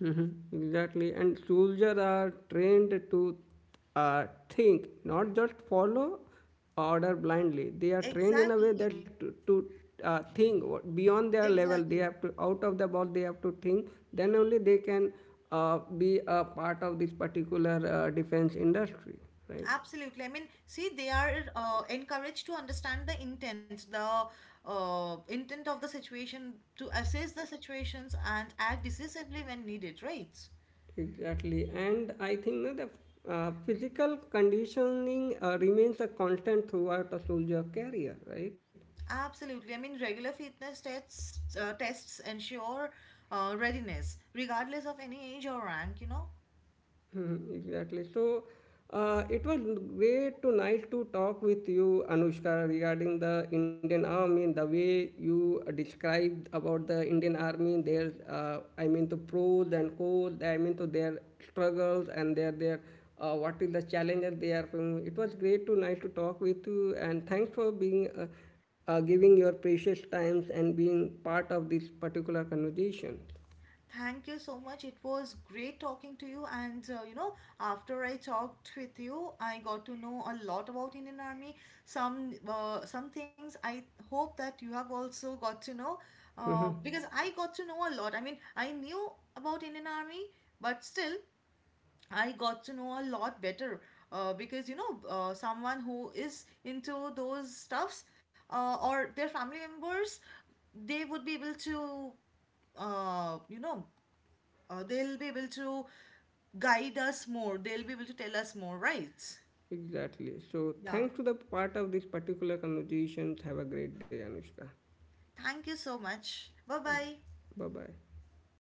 Speaker 1: Mm-hmm, exactly. And soldiers are trained to think, not just follow order blindly. They are trained in a way
Speaker 2: Exactly,
Speaker 1: that to think what- beyond their level. They
Speaker 2: exactly.
Speaker 1: have to out of the box. They have to think. Then only they can be a part of this particular defense industry, right?
Speaker 2: Absolutely. I mean, see, they are encouraged to understand the intent of the situation, to assess the situations and act decisively when needed, right?
Speaker 1: Exactly. And I think that the physical conditioning remains a constant throughout a soldier career, right?
Speaker 2: Absolutely. I mean, regular fitness tests ensure readiness, regardless of any age or rank, you know.
Speaker 1: *laughs* Mhm, Exactly. So it was great tonight to talk with you, Anushka, regarding the Indian Army and the way you described about the Indian Army, their, I mean, the pros and cons, I mean, to their struggles and their what is the challenges they are facing. It was great tonight to talk with you, and thanks for being, giving your precious times and being part of this particular conversation.
Speaker 2: Thank you so much. It was great talking to you. And after I talked with you, I got to know a lot about Indian Army. Some things I hope that you have also got to know, because I got to know a lot. I mean, I knew about Indian Army, but still, I got to know a lot better. Because you know, someone who is into those stuffs or their family members, they would be able to uh, you know they'll be able to guide us more. They'll be able to tell us more, right?
Speaker 1: Exactly. So,
Speaker 2: Yeah.
Speaker 1: thanks to the part of this particular conversation. Have a great day, Anushka.
Speaker 2: Thank you so much. Bye bye.
Speaker 1: Bye bye.